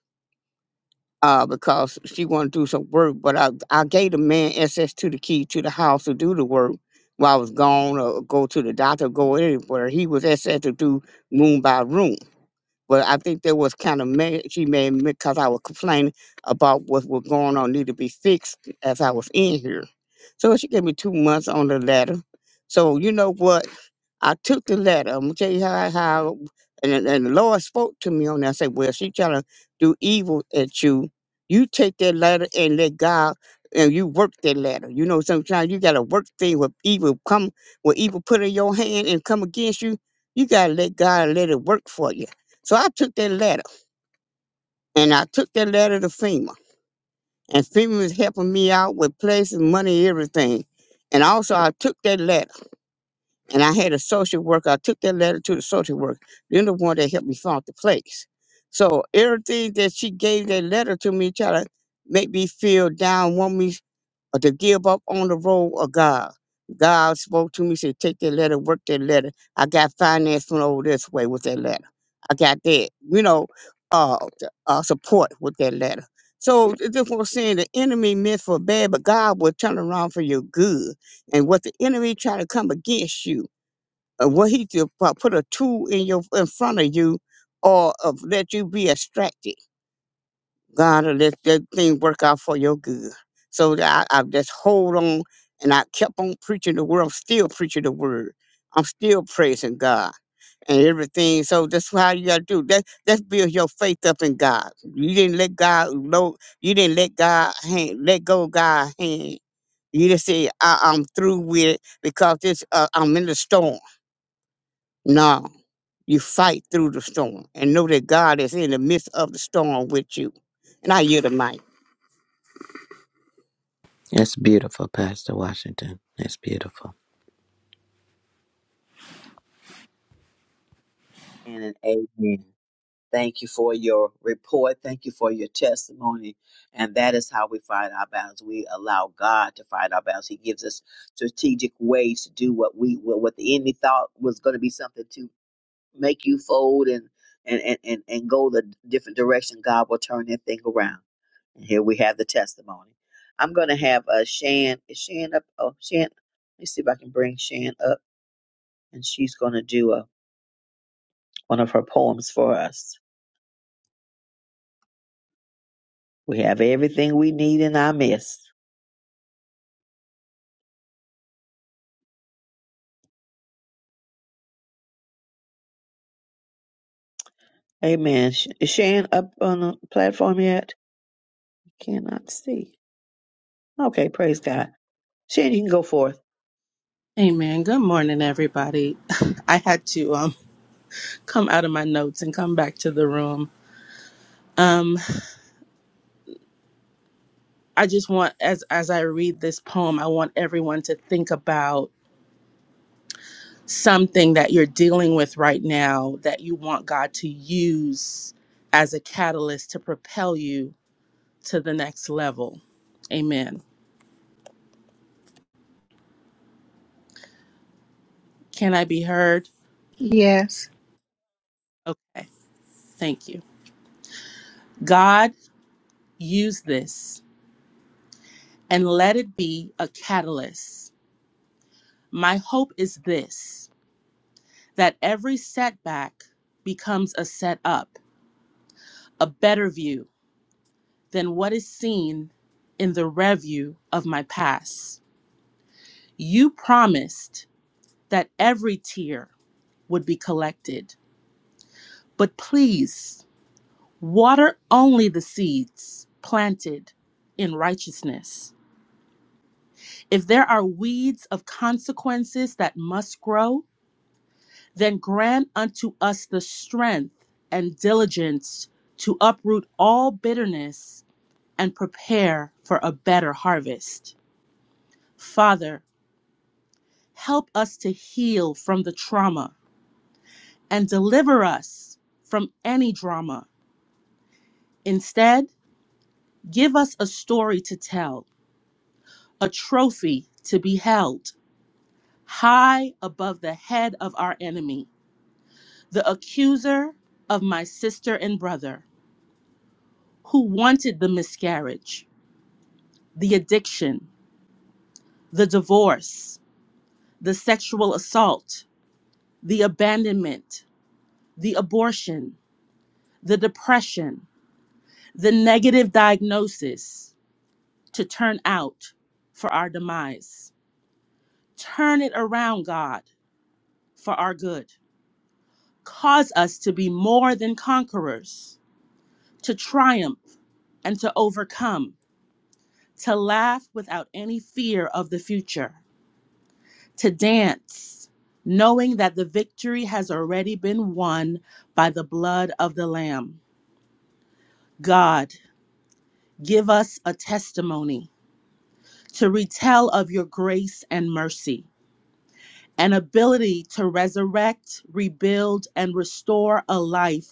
S8: Uh, because she wanted to do some work, but I, I gave the man access to the key to the house to do the work while I was gone or go to the doctor, go anywhere. He was access to do room by room. But I think there was kind of mad, she made me because I was complaining about what was going on, need to be fixed as I was in here. So she gave me two months on the letter. So you know what? I took the letter. I'm gonna tell you how how and, then- and the Lord spoke to me on that. I said, Well, she trying to do evil at you. You take that letter and let God and you work that letter. You know, sometimes you gotta work things with evil come with evil put in your hand and come against you. You gotta let God let it work for you. So I took that letter and I took that letter to FEMA. And FEMA was helping me out with places, money, everything. And also I took that letter. And I had a social worker. I took that letter to the social worker. Then the one that helped me find the place. So everything that she gave that letter to me, try to make me feel down, want me or to give up on the road of God. God spoke to me, said, take that letter, work that letter. I got finance from over this way with that letter. I got that, you know, uh, t- uh support with that letter. So it's just what I'm saying, the enemy meant for bad, but God will turn around for your good. And what the enemy try to come against you. Uh, what he did pu- put a tool in your in front of you, or of let you be distracted. God will let that thing work out for your good. So that I, I just hold on, and I kept on preaching the word. I'm still preaching the word. I'm still praising God and everything. So that's how you gotta do. That that's build your faith up in God. You didn't let God know. You didn't let God hand, let go of God's hand. You just say I, I'm through with it because this uh, I'm in the storm. No, you fight through the storm and know that God is in the midst of the storm with you. And I yield the mic.
S4: That's beautiful, Pastor Washington. That's beautiful.
S1: And an amen. Thank you for your report. Thank you for your testimony. And that is how we fight our battles. We allow God to fight our battles. He gives us strategic ways to do what we what what the enemy thought was going to be something too make you fold and and and and, and go the different direction, God will turn that thing around. And here we have the testimony. I'm gonna have a Shan. Is Shan up? Oh, Shan. Let me see if I can bring Shan up, and she's gonna do a, one of her poems for us. We have everything we need in our midst. Amen. Sh- Is Shan up on the platform yet? Cannot see. Okay, praise God. Shan, you can go forth.
S10: Amen. Good morning, everybody. [laughs] I had to um come out of my notes and come back to the room. Um, I just want as as I read this poem, I want everyone to think about something that you're dealing with right now that you want God to use as a catalyst to propel you to the next level. Amen. Can I be heard?
S5: Yes.
S10: Okay. Thank you. God, use this and let it be a catalyst. My hope is this that every setback becomes a setup, a better view than what is seen in the review of my past. You promised that every tear would be collected, but please water only the seeds planted in righteousness. If there are weeds of consequences that must grow, then grant unto us the strength and diligence to uproot all bitterness and prepare for a better harvest. Father, help us to heal from the trauma and deliver us from any drama. Instead, give us a story to tell, a trophy to be held high above the head of our enemy, the accuser of my sister and brother, who wanted the miscarriage, the addiction, the divorce, the sexual assault, the abandonment, the abortion, the depression, the negative diagnosis to turn out for our demise. Turn it around, God, for our good. Cause us to be more than conquerors, to triumph and to overcome, to laugh without any fear of the future, to dance, knowing that the victory has already been won by the blood of the Lamb. God, give us a testimony to retell of your grace and mercy, an ability to resurrect, rebuild, and restore a life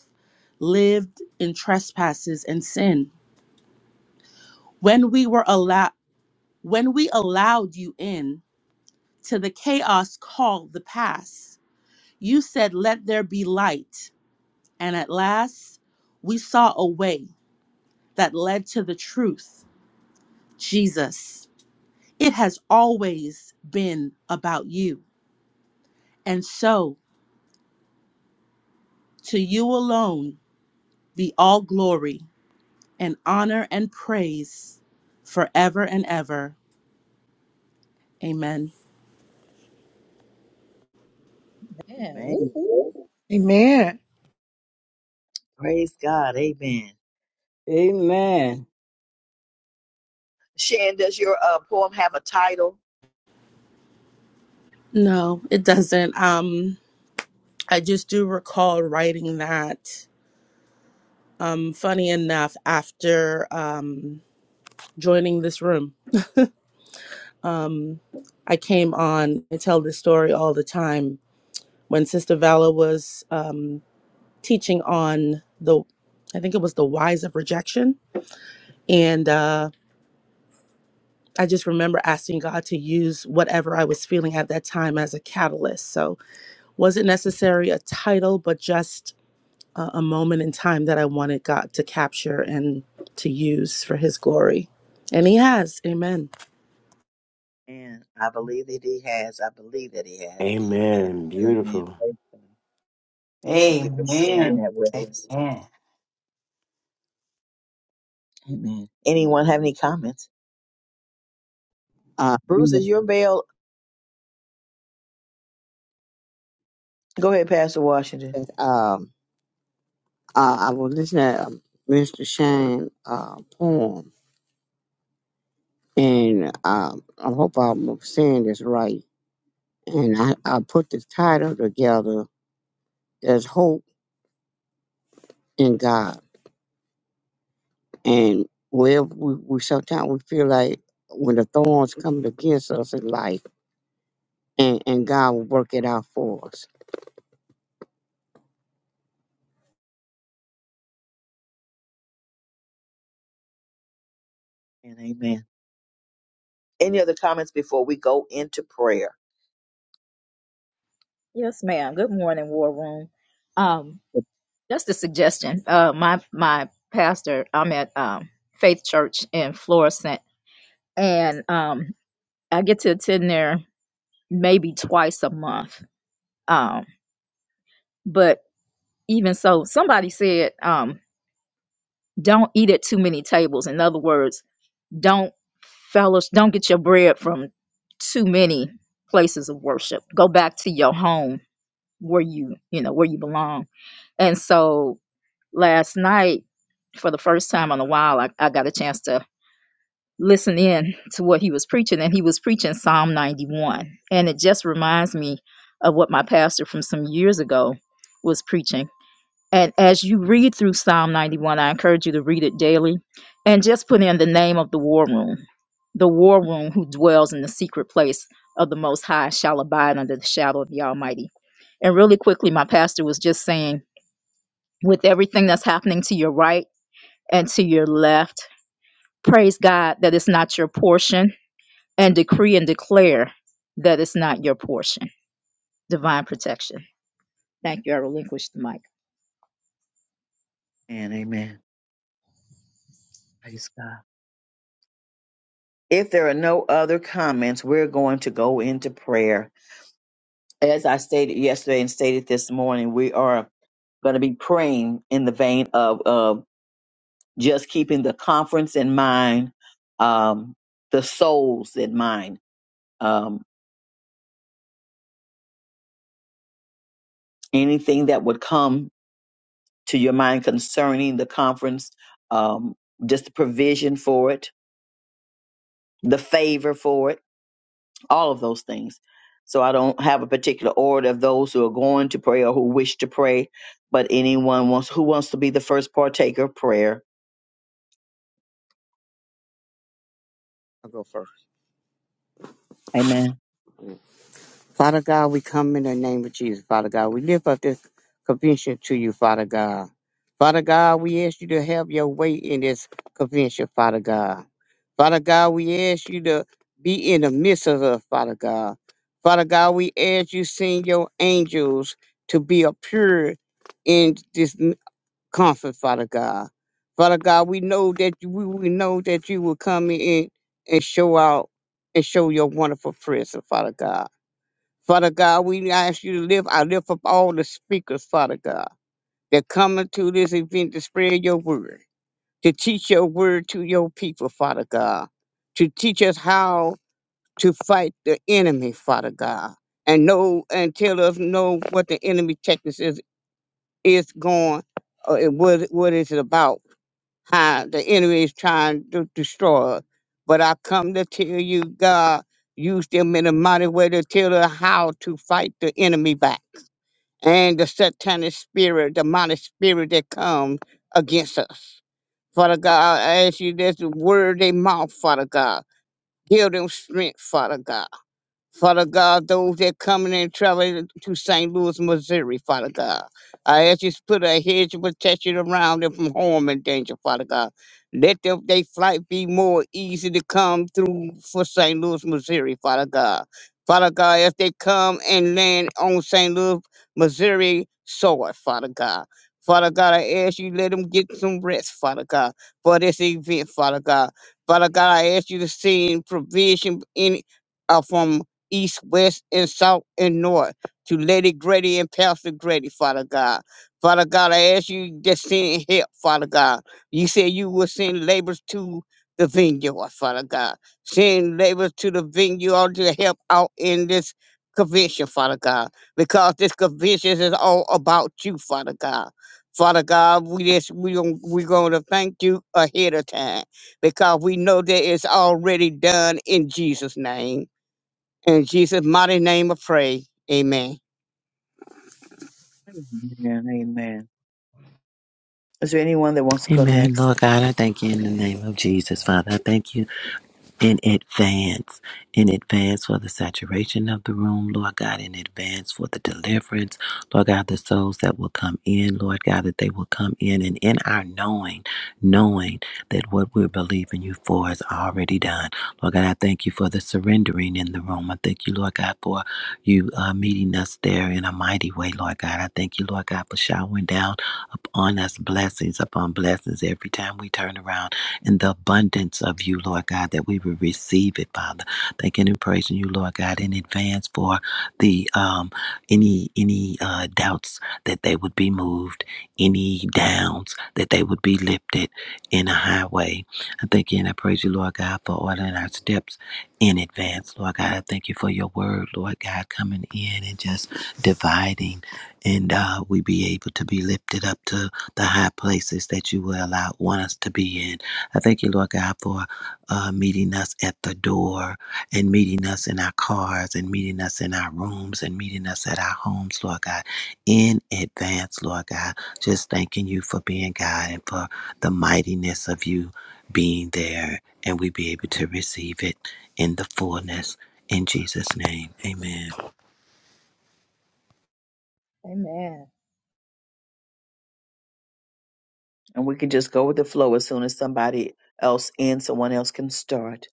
S10: lived in trespasses and sin. When we were allowed, when we allowed you in to the chaos called the past, you said, "Let there be light," and at last we saw a way that led to the truth, Jesus. It has always been about you. And so To you alone be all glory and honor and praise forever and ever. Amen.
S11: Yeah, woo,
S1: Amen.
S11: woo.
S5: Amen.
S1: Praise God. Amen.
S6: Amen.
S1: Shan, does your uh, poem have a title?
S10: No, it doesn't. Um, I just do recall writing that. Um, funny enough, after um, joining this room, um, I came on. I tell this story all the time. When Sister Vala was um, teaching on the, I think it was the whys of rejection, and. Uh, I just remember asking God to use whatever I was feeling at that time as a catalyst. So, wasn't necessary a title, but just a, a moment in time that I wanted God to capture and to use for His glory. And He has. Amen.
S1: And I believe that he has. I believe that he has.
S3: Amen.
S1: Amen.
S3: Beautiful.
S1: Praise God. Thank you for sharing
S7: Amen.
S1: that with us.
S7: Amen.
S1: Amen. Anyone have any comments?
S8: Uh,
S1: Bruce,
S8: yeah,
S1: is your bell? Go ahead, Pastor Washington.
S8: that, um, uh, I was listening to um, Mr. Shane uh, poem, and um, I hope I'm saying this right. And I, I put the title together as Hope in God. And wherever we, we sometimes we feel like when the thorns coming against us in life, and, and God will work it out for us.
S1: And amen. Any other comments before we go into prayer?
S11: Yes, ma'am. Good morning, War Room. Um, just a suggestion. Uh, my my pastor, I'm at um, Faith Church in Florissant, and um, I get to attend there maybe twice a month. Um, but even so, somebody said, um, "Don't eat at too many tables." In other words, don't fellows, don't get your bread from too many places of worship. Go back to your home where you you know where you belong and so last night for the first time in a while i, I got a chance to listen in to what he was preaching and he was preaching psalm 91 and it just reminds me of what my pastor from some years ago was preaching and as you read through psalm 91 i encourage you to read it daily and just put in the name of the war room the war room who dwells in the secret place of the most high shall abide under the shadow of the almighty and really quickly, my pastor was just saying, with everything that's happening to your right and to your left, praise God that it's not your portion and decree and declare that it's not your portion. Divine protection. Thank you. I relinquish the mic.
S1: And amen. Praise God. If there are no other comments, we're going to go into prayer. As I stated yesterday and stated this morning, we are going to be praying in the vein of uh, just keeping the conference in mind, um, the souls in mind, um, anything that would come to your mind concerning the conference, um, just the provision for it, the favor for it, all of those things. So I don't have a particular order of those who are going to pray or who wish to pray, but anyone wants who wants to be the first partaker, of prayer.
S8: I'll go first.
S1: Amen.
S8: Father God, we come in the name of Jesus, Father God. We lift up this convention to you, Father God. Father God, we ask you to have your way in this convention, Father God. Father God, we ask you to be in the midst of us, Father God. Father God, we ask you send your angels to be a pure in this n- conference, Father God. Father God, we know that you- we, we know that you will come in and show out and show your wonderful presence, Father God. Father God, we ask you to lift, I lift up all the speakers, Father God, that coming to this event to spread your word, to teach your word to your people, Father God, to teach us how to fight the enemy, Father God, and know and tell us know what the enemy tactics is is going, uh, and what what is it about? How the enemy is trying to destroy us. But I come to tell you, God, use them in a mighty way to tell us how to fight the enemy back and the satanic spirit, demonic spirit that comes against us. Father God, I ask you this word they mouth, Father God. Give them strength, Father God. Father God, those that coming and traveling to St. Louis, Missouri, Father God. I ask you to put a hedge of protection around them from harm and danger, Father God. Let them, they flight be more easy to come through for St. Louis, Missouri, Father God. Father God, as they come and land on St. Louis, Missouri soil, Father God. Father God, I ask you, let them get some rest, Father God, for this event, Father God. Father God, I ask you to send provision in uh, from east, west, and south, and north to Lady Grady and Pastor Grady, Father God. Father God, I ask you to send help, Father God. You said you will send laborers to the vineyard, Father God. Send laborers to the vineyard to help out in this convention, Father God, because this convention is all about you, Father God. Father God, we just we gon- we going to thank you ahead of time because we know that it's already done in Jesus' name. In Jesus' mighty name I pray. Amen.
S1: Amen. Amen. Is there anyone that wants to go
S4: Amen.
S1: next?
S4: Lord God, I thank you in the name of Jesus, Father. I thank you in advance, in advance for the saturation of the room, Lord God, in advance for the deliverance, Lord God, the souls that will come in, Lord God, that they will come in and in our knowing, knowing that what we're believing you for is already done. Lord God, I thank you for the surrendering in the room. I thank you, Lord God, for you uh, meeting us there in a mighty way, Lord God. I thank you, Lord God, for showering down upon us blessings upon blessings every time we turn around in the abundance of you, Lord God, that we will receive it, Father. Thanking and praising you, Lord God, in advance for the um any any uh doubts that they would be moved, any downs that they would be lifted in a highway. I thank you and I praise you, Lord God, for ordering our steps in advance, Lord God. I thank you for your word, Lord God, coming in and just dividing and uh we be able to be lifted up to the high places that you will allow want us to be in I thank you, Lord God, for uh, meeting us at the door and meeting us in our cars and meeting us in our rooms and meeting us at our homes, Lord God, in advance, Lord God. Just thanking you for being God and for the mightiness of you being there and we be able to receive it in the fullness. In Jesus' name, amen.
S11: Amen.
S1: And we can just go with the flow as soon as somebody else ends, someone else can start.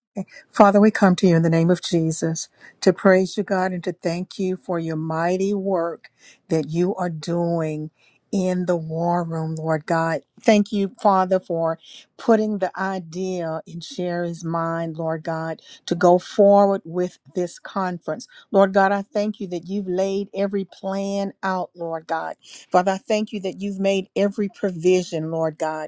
S5: Father, we come to you in the name of Jesus to praise you, God, and to thank you for your mighty work that you are doing in the war room, Lord God. Thank you, Father, for putting the idea in Sherry's mind, Lord God, to go forward with this conference. Lord God, I thank you that you've laid every plan out, Lord God. Father, I thank you that you've made every provision, Lord God.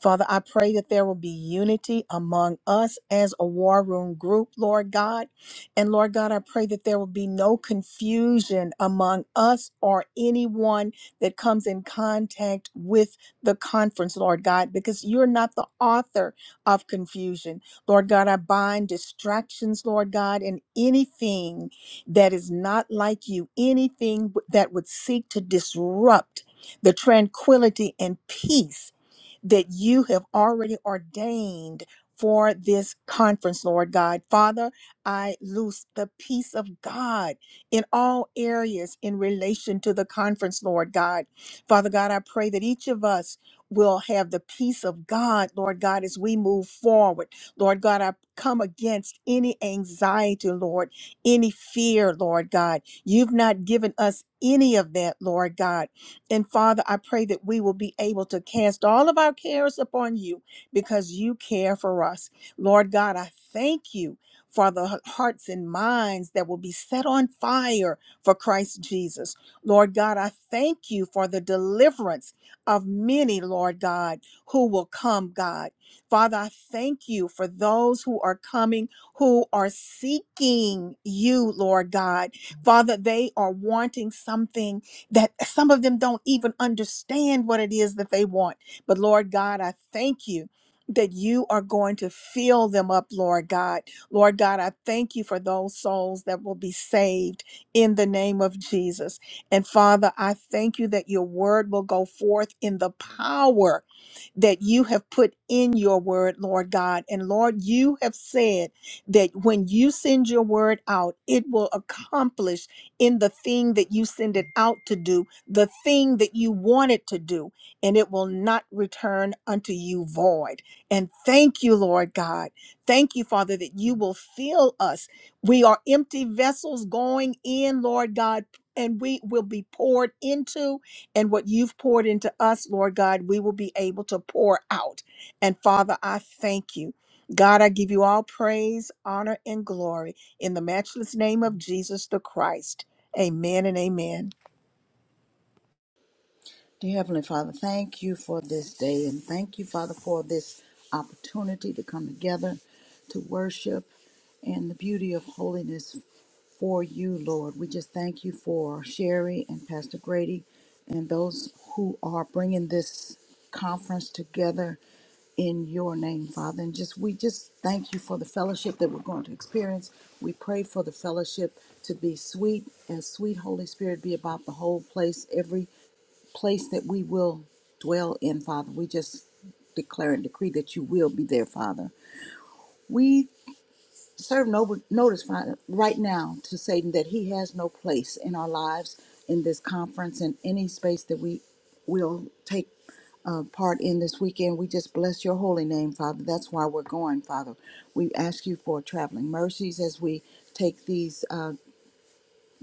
S5: Father, I pray that there will be unity among us as a war room group, Lord God. And Lord God, I pray that there will be no confusion among us or anyone that comes in contact with the conference, Lord God, because you're not the author of confusion. Lord God, I bind distractions, Lord God, and anything that is not like you, anything that would seek to disrupt the tranquility and peace that you have already ordained for this conference, Lord God. Father, I loose the peace of God in all areas in relation to the conference, Lord God. Father God, I pray that each of us will have the peace of God, Lord God, as we move forward. Lord God, I come against any anxiety, Lord, any fear, Lord God. You've not given us any of that, Lord God. And Father, I pray that we will be able to cast all of our cares upon you because you care for us. Lord God, I thank you for the hearts and minds that will be set on fire for Christ Jesus. Lord God, I thank you for the deliverance of many, Lord God, who will come, God. Father, I thank you for those who are coming who are seeking you, Lord God. Father, they are wanting something that some of them don't even understand what it is that they want. But Lord God, I thank you. That you are going to fill them up, Lord God. Lord God, I thank you for those souls that will be saved in the name of Jesus. And Father, I thank you that your word will go forth in the power that you have put in your word, Lord God. And Lord, you have said that when you send your word out, it will accomplish in the thing that you send it out to do, the thing that you want it to do, and it will not return unto you void. And thank you, Lord God. Thank you, Father, that you will fill us. We are empty vessels going in, Lord God. And we will be poured into, and what you've poured into us, Lord God, we will be able to pour out. And Father, I thank you. God, I give you all praise, honor, and glory in the matchless name of Jesus the Christ. Amen and amen.
S2: Dear Heavenly Father, thank you for this day and thank you, Father, for this opportunity to come together to worship and the beauty of holiness for you, Lord. We just thank you for Sherry and Pastor Grady and those who are bringing this conference together in your name, Father. And just we just thank you for the fellowship that we're going to experience. We pray for the fellowship to be sweet, as sweet Holy Spirit be about the whole place, every place that we will dwell in, Father. We just declare and decree that you will be there, Father. We serve no notice Father, right now to Satan that he has no place in our lives, in this conference, in any space that we will take uh, part in this weekend. We just bless your holy name, Father. That's why we're going, Father. We ask you for traveling mercies as we take these. uh,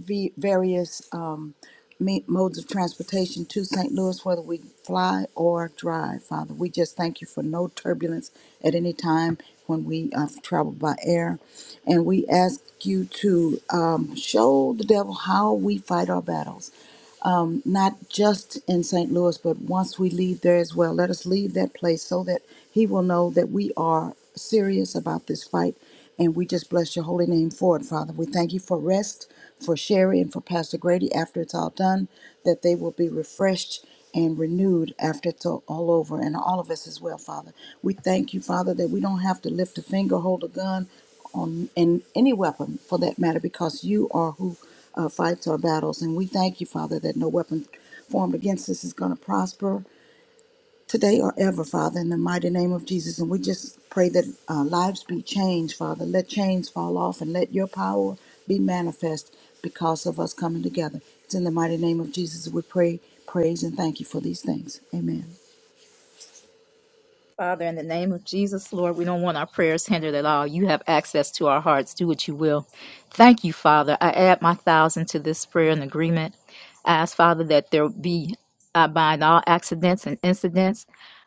S2: v- various um, me- modes of transportation to St. Louis, whether we fly or drive, Father. We just thank you for no turbulence at any time when we uh, travel by air. And we ask you to um, show the devil how we fight our battles not just in St. Louis, but once we leave there as well. Let us leave that place so that He will know that we are serious about this fight. And we just bless your holy name for it, Father. We thank you for rest, for Sherry, and for Pastor Grady after it's all done, that they will be refreshed and renewed after it's all all over, and all of us as well, Father. We thank you, Father, that we don't have to lift a finger, hold a gun on in any weapon for that matter, because you are who uh, fights our battles. And we thank you, Father, that no weapon formed against us is going to prosper today or ever, Father, in the mighty name of Jesus. And we just pray that uh, lives be changed, Father. Let chains fall off and let your power be manifest because of us coming together. It's in the mighty name of Jesus that we pray, praise, and thank you for these things. Amen.
S11: Father, in the name of Jesus, Lord, we don't want our prayers hindered at all. You have access to our hearts. Do what you will. Thank you, Father. I add my thousand to this prayer and agreement. I ask, Father, that there be, I bind all accidents and incidents.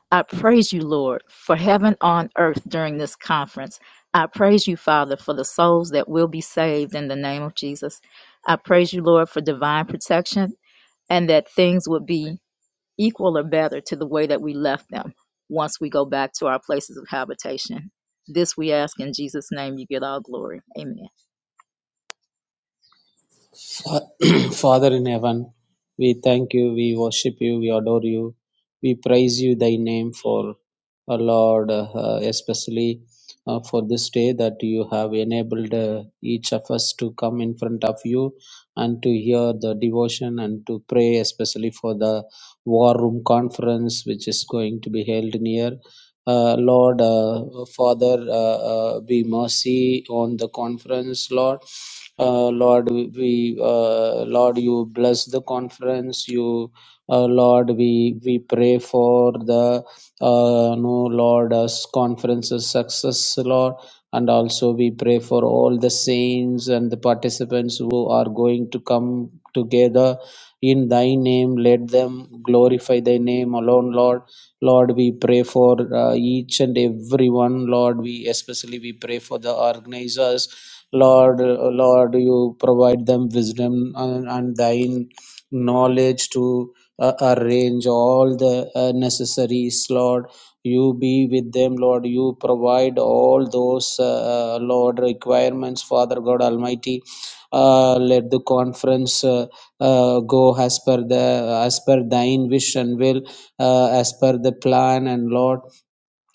S11: I praise you, Lord, for heaven on earth during this conference. I praise you, Father, for the souls that will be saved in the name of Jesus. I praise you, Lord, for divine protection and that things would be equal or better to the way that we left them once we go back to our places of habitation. This we ask in Jesus' name, you get all glory. Amen.
S12: Fa- [clears throat] Father in heaven, we thank you, we worship you, we adore you, we praise you, thy name for uh, Lord, uh, especially uh, for this day that you have enabled uh, each of us to come in front of you and to hear the devotion and to pray, especially for the War Room Conference which is going to be held near. Uh, Lord, uh, Father, uh, uh, be mercy on the conference, Lord. Uh, Lord, we, uh, Lord, you bless the conference. You, uh, Lord, we we pray for the uh, no lord us conferences success lord and also we pray for all the saints and the participants who are going to come together in thy name let them glorify thy name alone lord lord we pray for uh, each and every one lord we especially we pray for the organizers lord uh, lord you provide them wisdom and, and thine knowledge to uh, arrange all the uh, necessaries, Lord. You be with them, Lord. You provide all those, uh, uh, Lord, requirements, Father God Almighty. Uh, let the conference uh, uh, go as per the as per thine wish and will, uh, as per the plan and Lord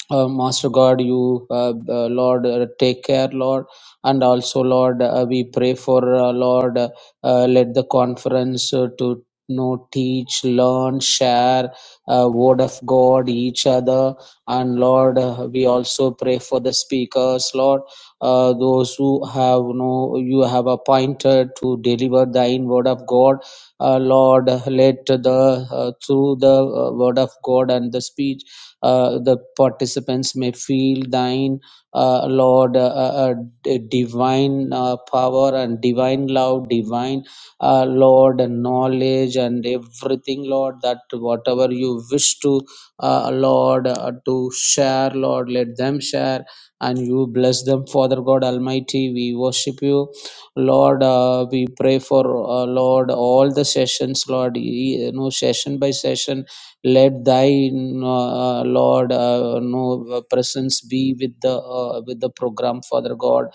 S12: uh, Master God, you, uh, uh, Lord, uh, take care, Lord. And also, Lord, uh, we pray for, uh, Lord, uh, uh, let the conference uh, to know, teach, learn, share uh, word of God, each other. And Lord, uh, we also pray for the speakers, Lord, uh, those who have no, you have appointed to deliver thine word of God. Uh, Lord, let the, uh, through the uh, word of God and the speech, uh, the participants may feel thine, uh, Lord, uh, uh, uh, divine uh, power and divine love, divine, uh, Lord, and knowledge and everything, Lord, that whatever you wish to, uh, Lord, uh, to share, Lord, let them share and you bless them, Father God Almighty. We worship you Lord, uh, we pray for, uh, Lord, all the sessions, Lord, ye- you know, session by session, let Thy, uh, uh, Lord, uh, no uh, presence be with the uh, with the program, Father God.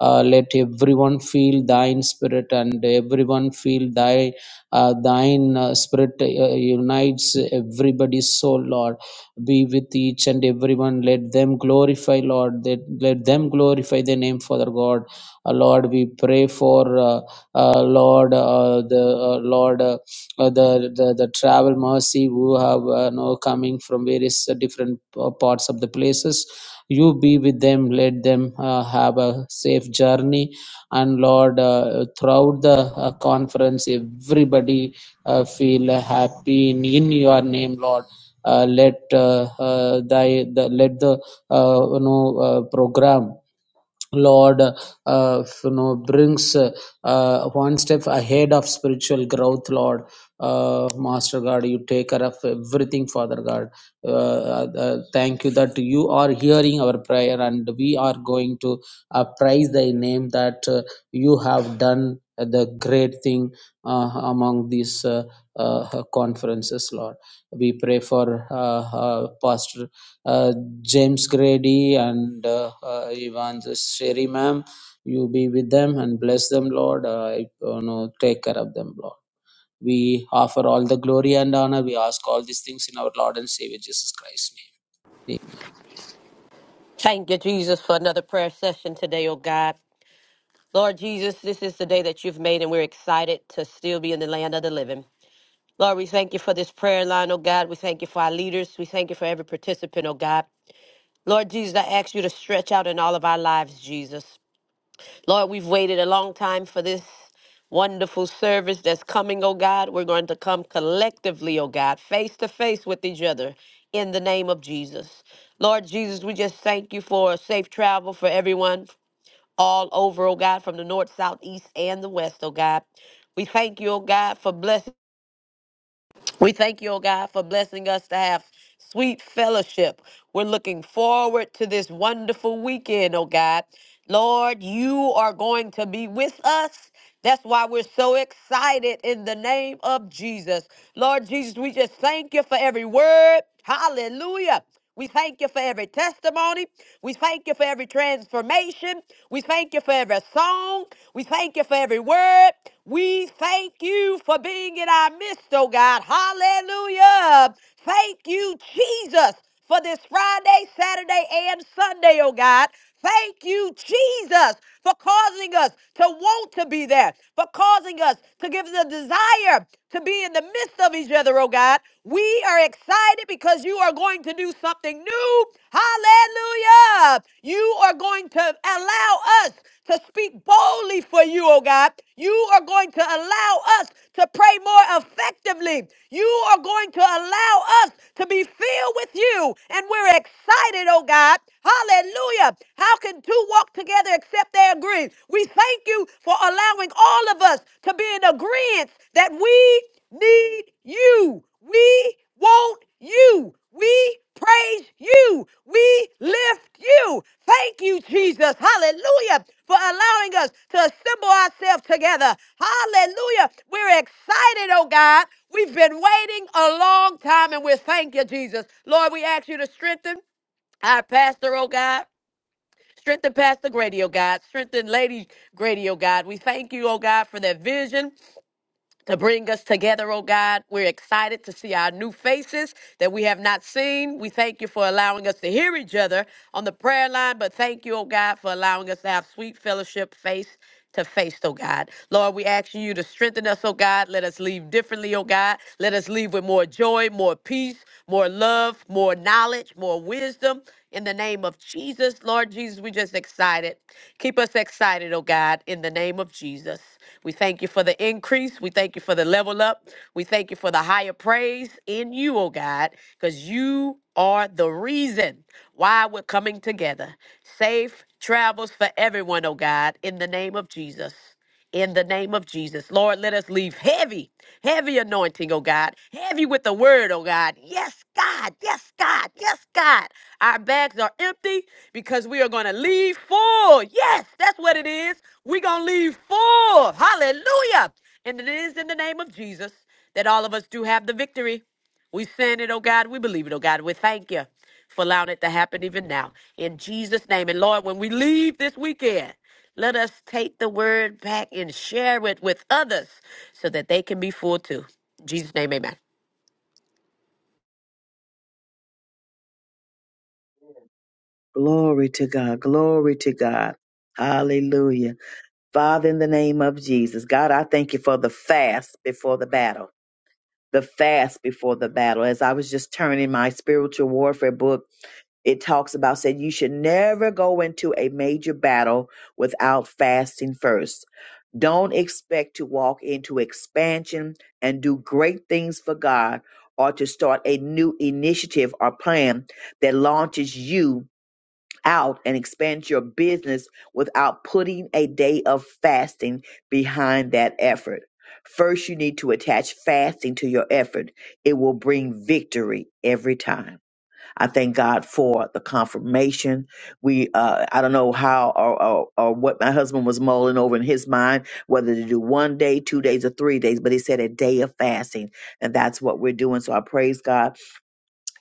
S12: Uh, let everyone feel Thine Spirit, and everyone feel Thy, uh, Thine uh, Spirit uh, unites everybody's soul, Lord. Be with each and everyone. Let them glorify, Lord. Let, let them glorify the name, Father God uh, Lord, we pray for uh, uh, Lord uh, the uh, Lord uh, uh, the, the the travel mercy who have uh, know coming from various uh, different uh, parts of the places. You be with them. Let them uh, have a safe journey. And Lord, uh, throughout the uh, conference, everybody uh, feel uh, happy in, in Your name, Lord. Uh, let uh, uh, thy the, let the uh, you know uh, program Lord, uh, you know, brings uh, one step ahead of spiritual growth, Lord. Uh, Master God, you take care of everything, Father God. Uh, uh, uh, thank you that you are hearing our prayer and we are going to uh, praise thy name that uh, you have done the great thing uh, among these uh, uh, conferences, Lord. We pray for uh, uh, Pastor uh, James Grady and uh, uh, Evangelist Sherry, ma'am. You be with them and bless them, Lord. Uh, I- you know, take care of them, Lord. We offer all the glory and honor. We ask all these things in our Lord and Savior Jesus Christ's name.
S13: Thank you, Jesus, for another prayer session today, oh God. Lord Jesus, this is the day that you've made, and we're excited to still be in the land of the living. Lord, we thank you for this prayer line, oh God. We thank you for our leaders. We thank you for every participant, oh God. Lord Jesus, I ask you to stretch out in all of our lives, Jesus. Lord, we've waited a long time for this wonderful service that's coming, oh God. We're going to come collectively, oh God, face to face with each other in the name of Jesus. Lord Jesus, we just thank you for safe travel for everyone all over, oh God, from the north, south, east, and the west, oh God. We thank you, oh God, for blessing. We thank you, oh God, for blessing us to have sweet fellowship. We're looking forward to this wonderful weekend, oh God. Lord, you are going to be with us. That's why we're so excited in the name of Jesus. Lord Jesus, we just thank you for every word. Hallelujah. We thank you for every testimony. We thank you for every transformation. We thank you for every song. We thank you for every word. We thank you for being in our midst, oh God. Hallelujah. Thank you, Jesus, for this Friday, Saturday, and Sunday, oh God. Thank you, Jesus, for causing us to want to be there, for causing us to give the desire to be in the midst of each other, oh God. We are excited because you are going to do something new. Hallelujah. You are going to allow us to speak boldly for you, oh God. You are going to allow us to pray more effectively. You are going to allow us to be filled with you. And we're excited, oh God. Hallelujah. How can two walk together except they agree? We thank you for allowing all of us to be in agreement that we need you. We want you. We praise you. We lift you. Thank you, Jesus. Hallelujah. For allowing us to assemble ourselves together. Hallelujah. We're excited, oh God. We've been waiting a long time and we thank you, Jesus. Lord, we ask you to strengthen our pastor, oh God. Strengthen Pastor Grady, oh God. Strengthen Lady Grady, oh God. We thank you, oh God, for that vision to bring us together, oh God. We're excited to see our new faces that we have not seen. We thank you for allowing us to hear each other on the prayer line, but thank you, oh God, for allowing us to have sweet fellowship face to face, oh God. Lord, we ask you to strengthen us, oh God. Let us leave differently, oh God. Let us leave with more joy, more peace, more love, more knowledge, more our wisdom in the name of Jesus. Lord Jesus, we just excited. Keep us excited, oh God, in the name of Jesus. We thank you for the increase. We thank you for the level up. We thank you for the higher praise in you, oh God, because you are the reason why we're coming together. Safe travels for everyone, oh God, in the name of Jesus in the name of Jesus. Lord, let us leave heavy, heavy anointing, oh God, heavy with the word, oh God. Yes, God, yes, God, yes, God. Our bags are empty because we are going to leave full. Yes, that's what it is. We're going to leave full. Hallelujah. And it is in the name of Jesus that all of us do have the victory. We send it, oh God. We believe it, oh God. We thank you for allowing it to happen even now. In Jesus' name. And Lord, when we leave this weekend, let us take the word back and share it with others so that they can be full too. In Jesus' name, amen.
S1: Glory to God. Glory to God. Hallelujah. Father, in the name of Jesus, God, I thank you for the fast before the battle. The fast before the battle. As I was just turning my spiritual warfare book, it talks about said you should never go into a major battle without fasting first. Don't expect to walk into expansion and do great things for God or to start a new initiative or plan that launches you out and expands your business without putting a day of fasting behind that effort. First, you need to attach fasting to your effort. It will bring victory every time. I thank God for the confirmation. We, uh, I don't know how or, or, or what my husband was mulling over in his mind, whether to do one day, two days, or three days, but he said a day of fasting. And that's what we're doing. So I praise God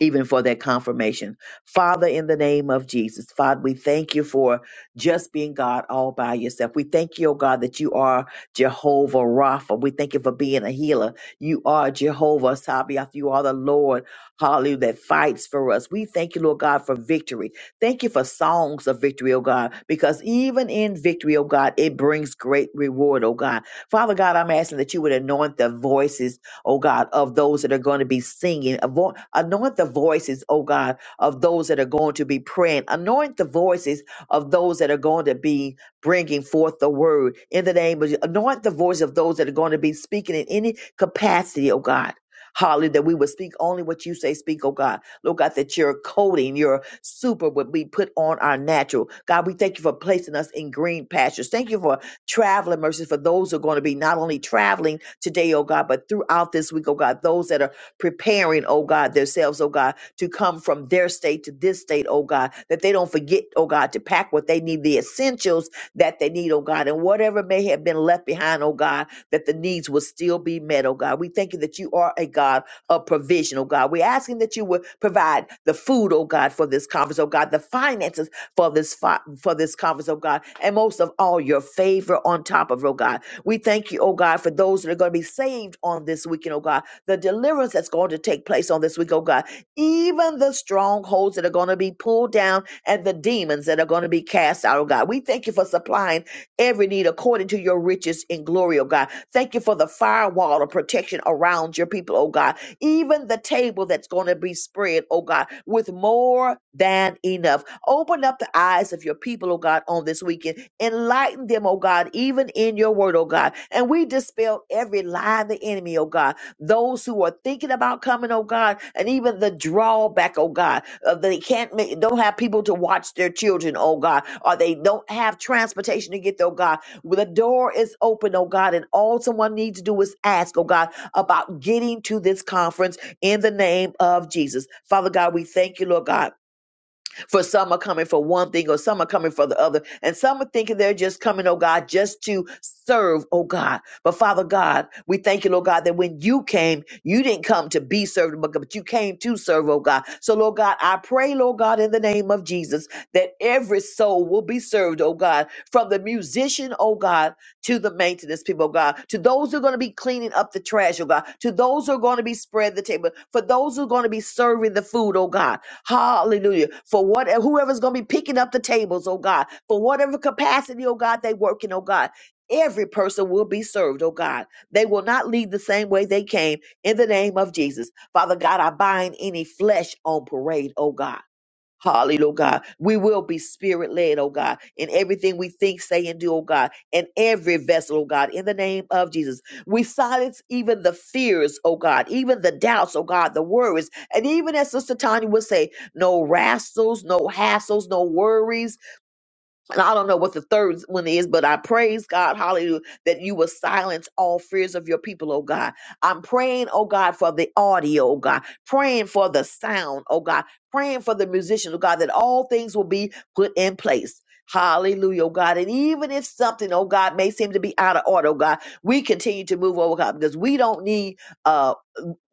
S1: even for that confirmation. Father, in the name of Jesus, Father, we thank you for just being God all by yourself. We thank you, oh God, that you are Jehovah Rapha. We thank you for being a healer. You are Jehovah Sabaoth. You are the Lord, hallelujah, that fights for us. We thank you, Lord God, for victory. Thank you for songs of victory, oh God, because even in victory, oh God, it brings great reward, oh God. Father God, I'm asking that you would anoint the voices oh God, of those that are going to be singing. Avo- Anoint the voices, oh God, of those that are going to be praying. Anoint the voices of those that are going to be bringing forth the word in the name of Je- Anoint the voice of those that are going to be speaking in any capacity, oh God. Holly, that we would speak only what you say, speak, oh God. Lord God, that your coating, your super would be put on our natural. God, we thank you for placing us in green pastures. Thank you for traveling mercies for those who are going to be not only traveling today, oh God, but throughout this week, oh God, those that are preparing, oh God, themselves, oh God, to come from their state to this state, oh God, that they don't forget, oh God, to pack what they need, the essentials that they need, oh God, and whatever may have been left behind, oh God, that the needs will still be met, oh God. We thank you that you are a God of provision, oh God. We're asking that you would provide the food, oh God, for this conference, oh God, the finances for this fi- for this conference, oh God, and most of all, your favor on top of, oh God. We thank you, oh God, for those that are going to be saved on this weekend, oh God, the deliverance that's going to take place on this week, oh God, even the strongholds that are going to be pulled down and the demons that are going to be cast out, oh God. We thank you for supplying every need according to your riches in glory, oh God. Thank you for the firewall of protection around your people, oh God even the table that's going to be spread, oh God, with more than enough. Open up the eyes of your people, oh God, on this weekend. Enlighten them, oh God, even in your word, oh God. And we dispel every lie of the enemy, oh God. Those who are thinking about coming, oh God, and even the drawback, oh God, of they can't make, don't have people to watch their children, oh God, or they don't have transportation to get there, oh God. Well, the door is open, oh God, and all someone needs to do is ask, oh God about getting to this conference in the name of Jesus. Father God, we thank you, Lord God for some are coming for one thing, or some are coming for the other, and some are thinking they're just coming, oh God, just to serve, oh God. But Father God, we thank you, Lord God, that when you came, you didn't come to be served, but but you came to serve, oh God. So, Lord God, I pray, Lord God, in the name of Jesus, that every soul will be served, oh God, from the musician, oh God, to the maintenance people, oh God, to those who are going to be cleaning up the trash, oh God, to those who are going to be spread the table, for those who are going to be serving the food, oh God. Hallelujah. For whatever whoever's gonna be picking up the tables, oh God, for whatever capacity, oh God, they working, oh God. Every person will be served, oh God. They will not leave the same way they came in the name of Jesus. Father God, I bind any flesh on parade, oh God. Hallelujah, oh God. We will be spirit led, oh God, in everything we think, say, and do, oh God, in every vessel, oh God, in the name of Jesus. We silence even the fears, oh God, even the doubts, oh God, the worries. And even as Sister Tanya would say, no wrestles, no hassles, no worries, and I don't know what the third one is, but I praise God, hallelujah, that you will silence all fears of your people, oh God. I'm praying, oh God, for the audio, oh God, praying for the sound, oh God, praying for the musicians, oh God, that all things will be put in place. Hallelujah, oh God. And even if something, oh God, may seem to be out of order, oh God, we continue to move, oh God, because we don't need uh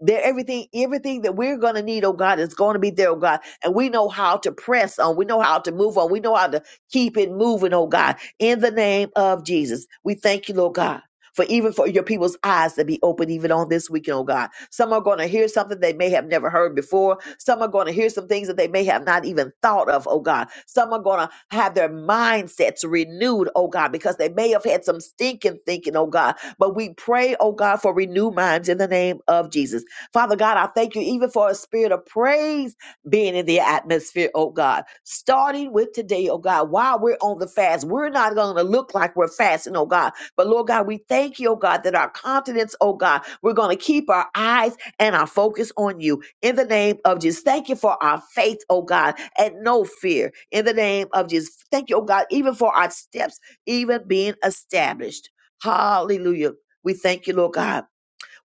S1: there everything everything that we're going to need oh god is going to be there oh god and we know how to press on we know how to move on we know how to keep it moving oh god in the name of jesus we thank you lord god for even for your people's eyes to be open even on this weekend, oh God. Some are going to hear something they may have never heard before. Some are going to hear some things that they may have not even thought of, oh God. Some are going to have their mindsets renewed, oh God, because they may have had some stinking thinking, oh God. But we pray, oh God, for renewed minds in the name of Jesus. Father God, I thank you even for a spirit of praise being in the atmosphere, oh God. Starting with today, oh God, while we're on the fast, we're not going to look like we're fasting, oh God. But Lord God, we thank you, oh God, that our confidence, oh God, we're going to keep our eyes and our focus on you in the name of Jesus. Thank you for our faith, oh God, and no fear in the name of Jesus. Thank you, oh God, even for our steps, even being established. Hallelujah. We thank you, Lord God.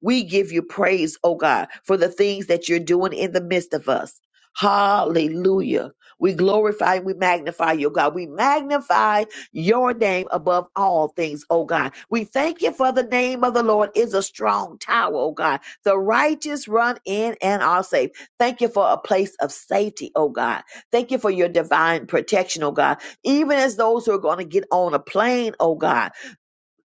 S1: We give you praise, oh God, for the things that you're doing in the midst of us. Hallelujah. We glorify and we magnify you, oh God. We magnify your name above all things, oh God. We thank you for the name of the Lord is a strong tower, oh God. The righteous run in and are safe. Thank you for a place of safety, oh God. Thank you for your divine protection, oh God. Even as those who are going to get on a plane, oh God.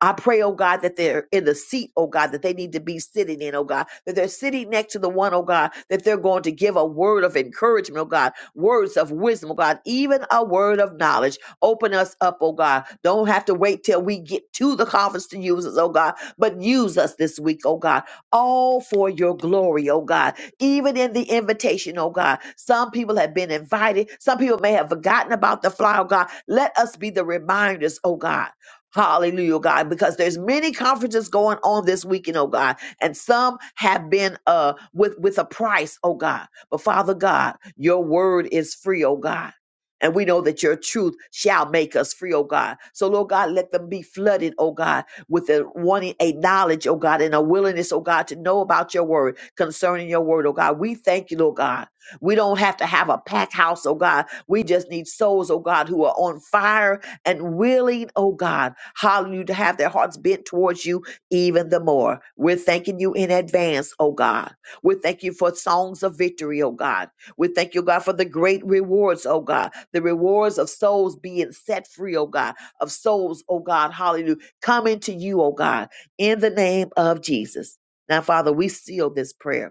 S1: I pray, oh God, that they're in the seat, oh God, that they need to be sitting in, oh God, that they're sitting next to the one, oh God, that they're going to give a word of encouragement, oh God, words of wisdom, oh God, even a word of knowledge. Open us up, oh God. Don't have to wait till we get to the conference to use us, oh God, but use us this week, oh God, all for your glory, oh God. Even in the invitation, oh God, some people have been invited, some people may have forgotten about the fly, oh God. Let us be the reminders, oh God Hallelujah, oh God, because there's many conferences going on this weekend, oh God, and some have been uh with with a price, oh God. But Father God, your word is free, oh God. And we know that your truth shall make us free, oh God. So, Lord God, let them be flooded, oh God, with a wanting a knowledge, oh God, and a willingness, oh God, to know about your word concerning your word, oh God. We thank you, Lord God. We don't have to have a packed house, oh God. We just need souls, oh God, who are on fire and willing, oh God, hallelujah, to have their hearts bent towards you even the more. We're thanking you in advance, oh God. we thank you for songs of victory, oh God. We thank you, God, for the great rewards, oh God, the rewards of souls being set free, oh God, of souls, oh God, hallelujah, coming to you, oh God, in the name of Jesus. Now, Father, we seal this prayer.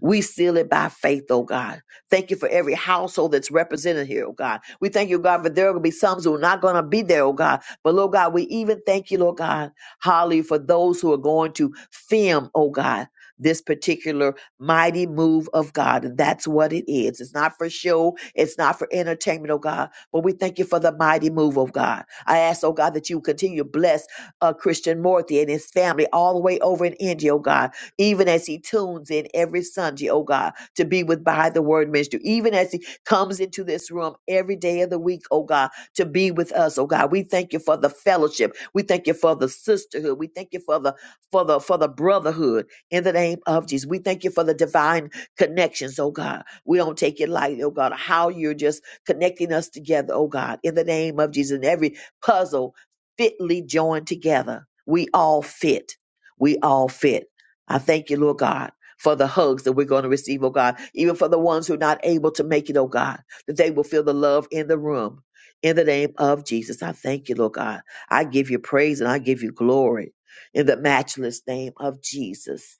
S1: We seal it by faith, oh God. Thank you for every household that's represented here, oh God. We thank you, God, for there will be some who are not going to be there, oh God. But, Lord God, we even thank you, Lord God, Holly, for those who are going to film, oh God. This particular mighty move of God. And that's what it is. It's not for show. It's not for entertainment, oh God. But we thank you for the mighty move of God. I ask, oh God, that you continue to bless uh, Christian Morthy and his family all the way over in India, oh God even as he tunes in every Sunday, oh God, to be with by the word ministry, even as he comes into this room every day of the week, oh God, to be with us, oh God. We thank you for the fellowship. We thank you for the sisterhood. We thank you for the for the for the brotherhood in the name of Jesus. We thank you for the divine connections, oh God. We don't take it lightly, oh God, how you're just connecting us together, oh God, in the name of Jesus. And every puzzle fitly joined together. We all fit. We all fit. I thank you, Lord God, for the hugs that we're going to receive, oh God, even for the ones who are not able to make it, oh God, that they will feel the love in the room. In the name of Jesus, I thank you, Lord God. I give you praise and I give you glory. In the matchless name of Jesus,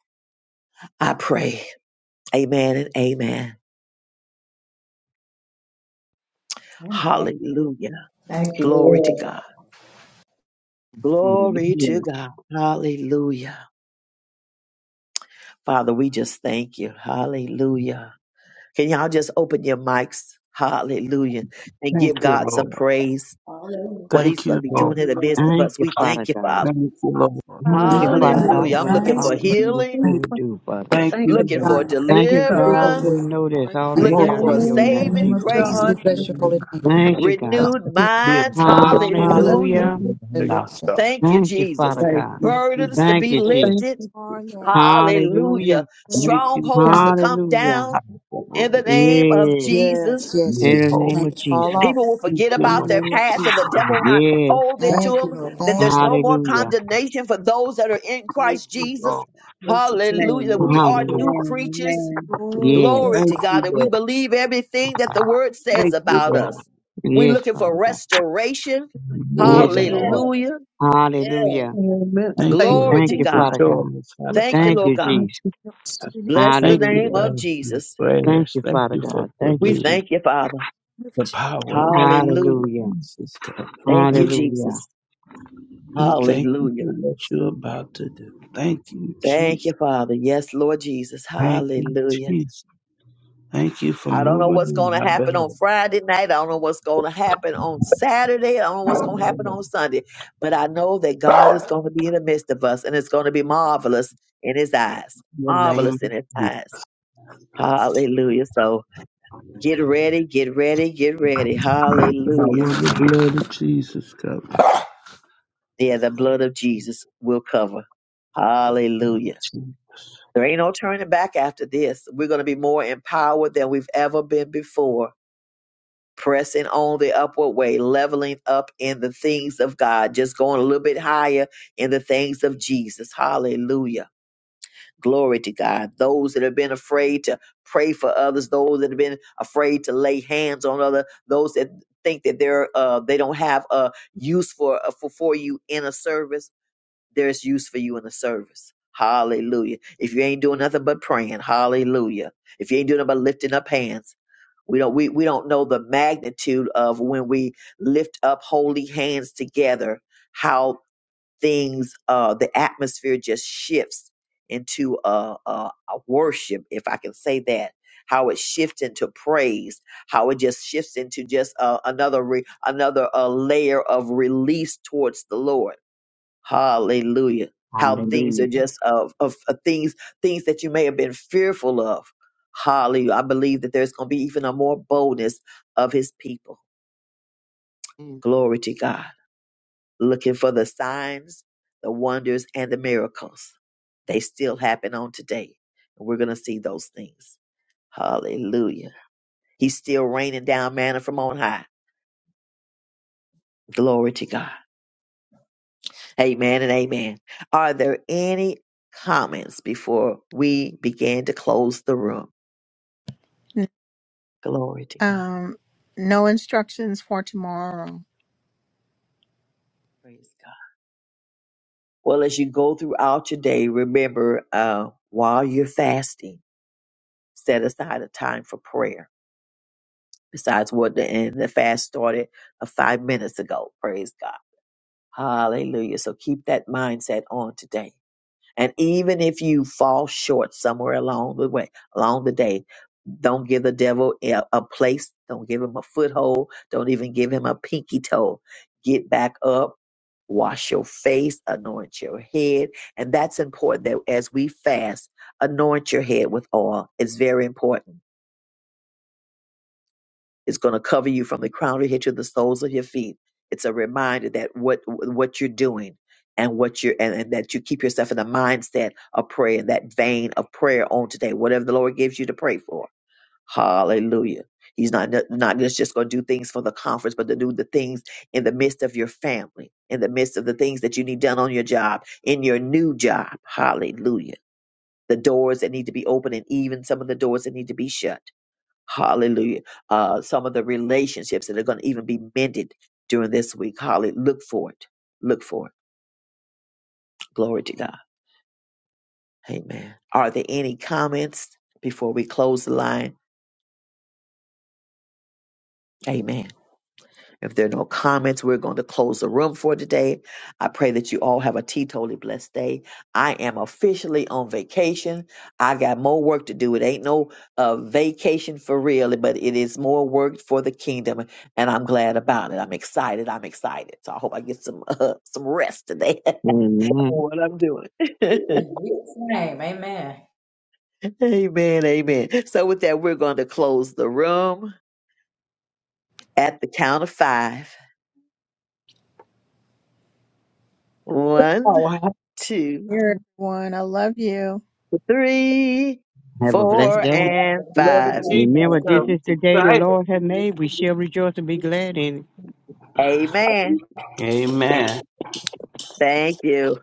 S1: I pray. Amen and amen. Hallelujah. Glory to God. Glory to God. Hallelujah. Father, we just thank you. Hallelujah. Can y'all just open your mics? Hallelujah. And give
S14: Thank you,
S1: God
S14: Lord.
S1: some praise.
S11: Hallelujah.
S1: What he's
S14: Thank
S1: going to
S14: you,
S1: be
S14: Lord.
S1: doing
S11: Thank
S1: in
S11: you,
S1: the midst
S11: Lord.
S1: of
S8: Thank
S1: us.
S8: you,
S1: We
S8: Father
S1: thank you,
S8: God.
S1: Father.
S14: Thank you, Lord.
S8: Thank you,
S14: Thank
S15: Hallelujah.
S8: Father
S2: Uh,
S14: you,
S2: it
S8: God,
S1: Hallelujah.
S14: Lord.
S1: I'm
S8: what the
S1: looking
S15: Thank
S2: abides
S8: Father
S1: for
S15: you,
S8: will
S1: healing,
S2: and
S15: Jesus.
S8: do, Father God.
S14: Thank
S15: Thank
S14: you,
S2: it
S15: you,
S1: looking
S14: Lord.
S1: for
S15: God.
S2: does.
S15: Thank
S8: Thank
S15: you,
S8: you,
S15: God.
S2: It will
S8: God. We
S1: deliverance,
S2: do.
S8: know that's
S5: Lord,
S2: Thank
S8: already
S2: you,
S15: Thank
S1: looking
S8: done
S14: Glory
S1: for
S8: in
S2: Father.
S14: to
S8: your
S14: you.
S2: In
S8: name,
S2: the name
S1: saving
S15: you,
S2: of
S5: you
S8: Jesus'
S14: Thank
S2: Jesus,
S8: name.
S14: you
S1: grace,
S2: we
S15: God.
S14: for
S2: bless
S14: your
S15: Thank
S2: your
S15: you,
S2: holy
S14: new
S15: God.
S2: name.
S14: prayer.
S8: Thank
S15: Thank
S8: you,
S15: you,
S2: Yes,
S15: God.
S8: God.
S1: renewed
S2: you.
S14: Be a
S1: minds.
S14: sweet spirit
S2: Hallelujah.
S15: Yes, thank
S1: Hallelujah.
S8: Hallelujah.
S15: you.
S14: within
S15: Thank
S2: Hallelujah.
S15: you,
S14: us.
S15: God.
S1: Thank you,
S8: Thank you,
S1: Jesus.
S8: Father
S14: Thank
S8: God.
S14: you, Jesus.
S1: Burdens to
S8: Thank
S1: be
S8: you,
S2: Hallelujah.
S8: Jesus.
S15: Thank
S1: lifted.
S15: you,
S5: are
S15: Jesus.
S5: Lord.
S1: Hallelujah.
S8: Hallelujah.
S5: Glory,
S14: Thank you,
S1: Strongholds
S15: Thank
S1: to
S14: Lord.
S1: come
S8: Hallelujah.
S1: down
S14: I
S1: in
S14: will
S1: the
S14: be changed.
S1: name of
S8: Yeah. In
S1: Jesus.
S2: Yes, yes,
S14: You are
S8: the
S2: yes.
S14: holy.
S8: name of
S2: Change fall
S8: Jesus.
S2: off
S1: People will
S14: Thank
S1: forget
S14: you,
S2: in the
S1: about
S14: Lord.
S1: their
S2: name of
S1: past and the
S2: Jesus.
S1: devil will not
S8: Yes.
S1: hold it
S14: Thank
S1: to
S2: Thank you,
S1: them.
S14: you, Lord.
S2: Lord.
S1: That
S2: Thank
S1: there's
S14: Thank,
S2: you.
S1: no more
S8: Hallelujah.
S1: condemnation for those that are in
S14: thank
S1: Christ
S14: you,
S1: Jesus.
S14: Lord.
S16: Jesus'
S1: Hallelujah.
S16: name.
S14: Thank
S1: We
S14: you,
S1: are
S14: Lord.
S8: Hallelujah.
S1: new
S16: Amen.
S1: creatures.
S16: Amen.
S5: glory.
S8: Yes.
S1: Glory
S2: Yes,
S14: Thank
S1: to God.
S14: you,
S1: And we
S14: Lord.
S1: believe everything that the word says
S14: Thank you,
S1: about
S14: Lord.
S1: us. We're
S8: Yes,
S1: looking for
S8: Father God.
S1: restoration.
S14: More
S8: Yes,
S14: than
S8: Lord.
S14: you.
S1: Hallelujah.
S8: Hallelujah.
S15: you, Amen.
S14: Thank you,
S15: Thank
S1: Glory
S14: Lord,
S8: Thank
S1: to
S8: you,
S14: for
S15: you,
S1: God.
S8: Father God.
S14: showing us how
S5: be
S14: to
S1: Thank you,
S14: fight.
S8: Thank
S1: Lord
S8: you,
S1: God.
S8: Jesus.
S15: Jesus.
S5: to the name
S1: Bless the
S14: Thank you,
S1: name
S8: Hallelujah.
S14: Father,
S1: of
S14: for your
S1: Jesus.
S8: Thank
S14: prayers.
S8: you,
S14: Thank
S8: Father
S14: you for
S8: God. Thank
S1: We
S8: you,
S14: privilege,
S8: Jesus.
S1: thank you, Father.
S5: of
S14: the
S5: Jesus.
S14: power of the blood of
S1: Hallelujah.
S8: Hallelujah.
S14: Jesus covenant.
S1: Thank you,
S14: Thank you.
S8: Hallelujah.
S1: Jesus.
S14: We thank you
S1: Hallelujah.
S14: for what you're about to do. Thank you,
S1: Thank
S14: Jesus.
S1: you, Father. Yes, Lord Jesus.
S14: Thank you,
S1: Hallelujah.
S14: Jesus. Thank you for
S1: I don't know
S14: moving
S1: what's
S14: in
S1: going to
S14: our
S1: happen
S14: belly.
S1: on Friday night. I don't know what's going to happen on Saturday. I don't know what's going to happen on Sunday. But I know that God is going to be in the midst of us and it's going to be marvelous in his eyes.
S14: Your name
S1: Marvelous
S14: is
S1: in his eyes. Hallelujah. So get ready, get ready, get ready.
S14: the power
S1: Hallelujah.
S14: of the blood of Jesus covenant.
S1: Yeah,
S14: The
S1: the
S14: blood
S1: blood
S14: of
S1: of
S14: Jesus.
S1: Jesus will cover.
S14: The blood
S1: Hallelujah.
S14: of Jesus.
S1: There ain't no turning back after this. We're going to be more empowered than we've ever been before. Pressing on the upward way, leveling up in the things of God, just going a little bit higher in the things of Jesus. Hallelujah. Glory to God. Those that have been afraid to pray for others, those that have been afraid to lay hands on other, those that think that they're uh, they don't have a use for uh, for for you in a service there's use for you in the service. Hallelujah. If you ain't doing nothing but praying, hallelujah. If you ain't doing nothing but lifting up hands, we don't we, we don't know the magnitude of when we lift up holy hands together, how things uh the atmosphere just shifts into uh, uh a worship, if I can say that. How it shifts into praise, how it just shifts into just uh, another re- another uh, layer of release towards the Lord. Hallelujah. How things
S8: Hallelujah.
S1: are just of, of, of things things that you may have been fearful of. Hallelujah. I believe that there's going to be even a more boldness of his people. Glory to God. Looking for the signs, the wonders, and the miracles. They still happen on today. And we're going to see those things. Hallelujah. He's still raining down manna from on high. Glory to God. Amen and amen. Are there any comments before we begin to close the room? Glory to God.
S5: Um, no instructions for tomorrow.
S1: Praise God. Well, as you go throughout your day, remember uh, while you're fasting, set aside a time for prayer. Besides what the and the fast started uh, five minutes ago. Praise God. Hallelujah. So keep that mindset on today And even if you fall short somewhere along the way, along the day, don't give the devil a, a place. Don't give him a foothold. Don't even give him a pinky toe. Get back up, wash your face, anoint your head. And that's important that as we fast, anoint your head with oil. It's very important it's going to cover you from the crown of your head to the soles of your feet. It's a reminder that what what you're doing and what you're and, and that you keep yourself in the mindset of prayer, in that vein of prayer on today, whatever the Lord gives you to pray for. Hallelujah. He's not not just just going to do things for the conference, but to do the things in the midst of your family, in the midst of the things that you need done on your job, in your new job. Hallelujah. The doors that need to be open and even some of the doors that need to be shut. Hallelujah. Uh, some of the relationships that are going to even be mended during this week. Hallelujah. Look for it. Look for it. Glory to God. Amen. Are there any comments before we close the line? Amen. If there are no comments, we're going to close the room for today. I pray that you all have a teetotally blessed day. I am officially on vacation. I got more work to do. It ain't no uh, vacation for real, but it is more work for the kingdom, and I'm glad about it. I'm excited. I'm excited. So I hope I get some [laughs] uh, some rest today. [laughs] for
S8: Amen.
S1: what I'm doing. [laughs]
S11: In Jesus' name, amen.
S1: amen. Amen. So with that, we're going to close the room at the count of five. One,
S6: Oh,
S1: two.
S5: Here, everyone. I love you.
S1: three,
S8: Have a blessed
S1: four,
S14: Of
S8: day.
S14: your
S1: and
S14: blood of
S1: five.
S8: Remember, this is
S14: Jesus
S8: the day the
S14: covenant.
S8: Lord has made. We shall rejoice and be glad in it.
S1: Amen. And
S14: Amen.
S1: thank you.